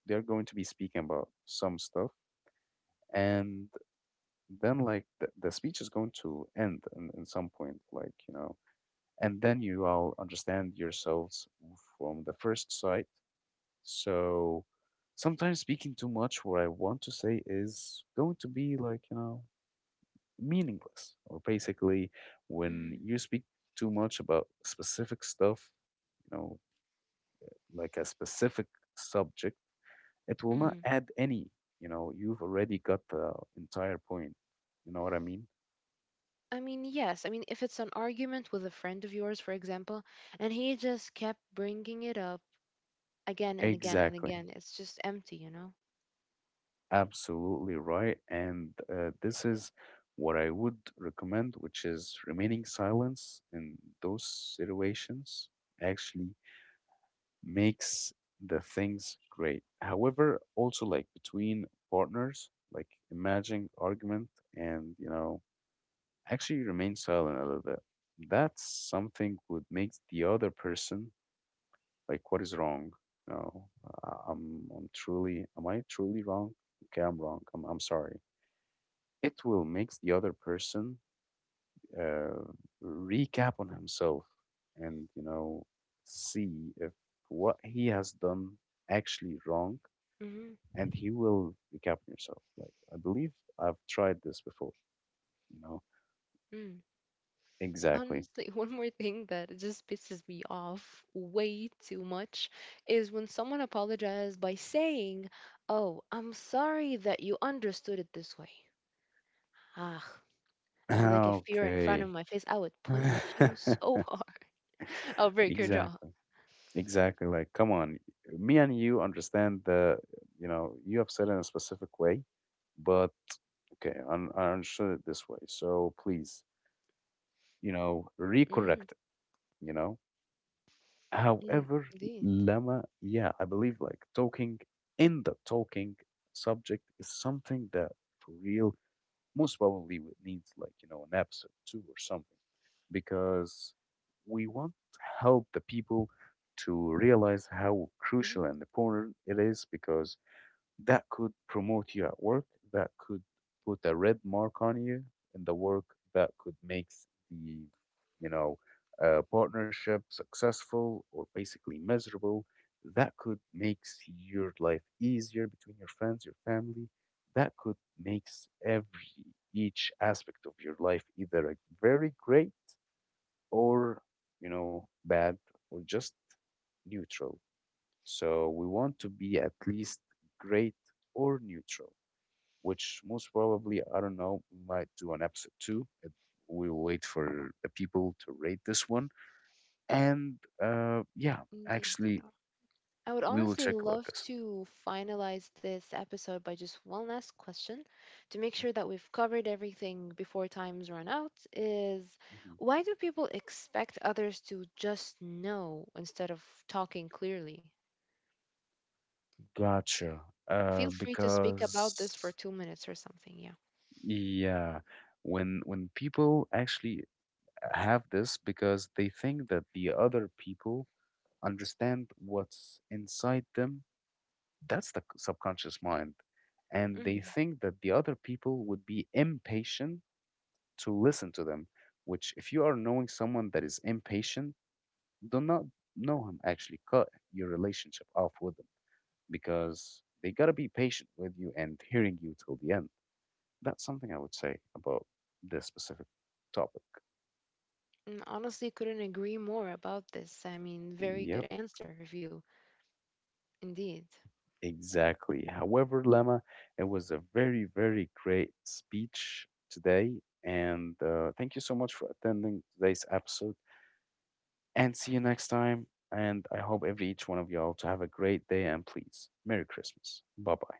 Speaker 1: they're going to be speaking about some stuff, and then, like, the, the speech is going to end in, in some point, like, you know, and then you all understand yourselves from the first sight. So sometimes speaking too much, what I want to say is going to be, like, you know, meaningless. Or basically, when
Speaker 2: mm,
Speaker 1: you speak too much about specific stuff, you know, like a specific subject, it will not
Speaker 2: mm.
Speaker 1: add any. You know, you've already got the entire point. You know what I mean?
Speaker 2: I mean, yes. I mean, if it's an argument with a friend of yours, for example, and he just kept bringing it up again and again and
Speaker 1: Exactly.
Speaker 2: again, it's just empty, you know?
Speaker 1: Absolutely right. And uh, this is what I would recommend, which is remaining silence in those situations actually makes the things great. However, also like between partners, like, imagine argument, and, you know, actually remain silent a little bit. That's something would make the other person like what is wrong. No, uh, I'm I'm truly am I truly wrong? Okay, I'm wrong. I'm I'm sorry. It will make the other person uh, recap on himself, and, you know, see if what he has done actually wrong,
Speaker 2: Mm-hmm.
Speaker 1: and he will recap on yourself. Like, I believe I've tried this before, you know? Exactly.
Speaker 2: Honestly, one more thing that just pisses me off way too much is when someone apologizes by saying, Oh, I'm sorry that you understood it this way. Ah, I'd be like, if you're in front of
Speaker 1: Okay.
Speaker 2: my face, I would punch you so hard. I'll break your jaw.
Speaker 1: Exactly. Exactly. Like, come on. Me and you understand that, you know, you have said in a specific way, but, okay, un- I understood it this way. So please, you know,
Speaker 2: Mm-hmm.
Speaker 1: recorrect it, you know.
Speaker 2: Mm-hmm.
Speaker 1: However,
Speaker 2: Indeed.
Speaker 1: Lama, yeah, I believe like talking in the talking subject is something that for real most probably it needs, like, you know, an episode two or something, because we want to help the people to realize how
Speaker 2: Mm-hmm.
Speaker 1: crucial and important it is, because that could promote you at work, that could put a red mark on you in the work, that could make the, you know, uh, partnership successful or basically miserable, that could makes your life easier between your friends, your family, that could makes every each aspect of your life either a very great or, you know, bad, or just neutral. So we want to be at least great or neutral, which most probably, I don't know, we might do an episode two. It- We'll wait for the people to rate this one. And uh, yeah,
Speaker 2: Indeed.
Speaker 1: actually,
Speaker 2: I would
Speaker 1: we will
Speaker 2: honestly
Speaker 1: check about
Speaker 2: love
Speaker 1: this.
Speaker 2: to finalize this episode by just one last question to make sure that we've covered everything before time's run out is
Speaker 1: Mhm.
Speaker 2: why do people expect others to just know instead of talking clearly?
Speaker 1: Gotcha.
Speaker 2: Feel
Speaker 1: Uh,
Speaker 2: free to speak about this for
Speaker 1: because
Speaker 2: two minutes or something, yeah.
Speaker 1: yeah, when when people actually have this, because they think that the other people understand what's inside them. That's the subconscious mind. And they
Speaker 2: Mm.
Speaker 1: think that the other people would be impatient to listen to them, which, if you are knowing someone that is impatient, do not know him. Actually, cut your relationship off with them because they got to be patient with you and hearing you till the end. That's something I would say about this specific topic.
Speaker 2: Mm, Honestly, couldn't agree more about this. I mean, very good
Speaker 1: Yep.
Speaker 2: answer, review, indeed.
Speaker 1: Exactly. However, Lama, it was a very, very great speech today. And uh, thank you so much for attending today's episode. And see you next time. And I hope every each one of y'all to have a great day. And please, Merry Christmas. Bye bye.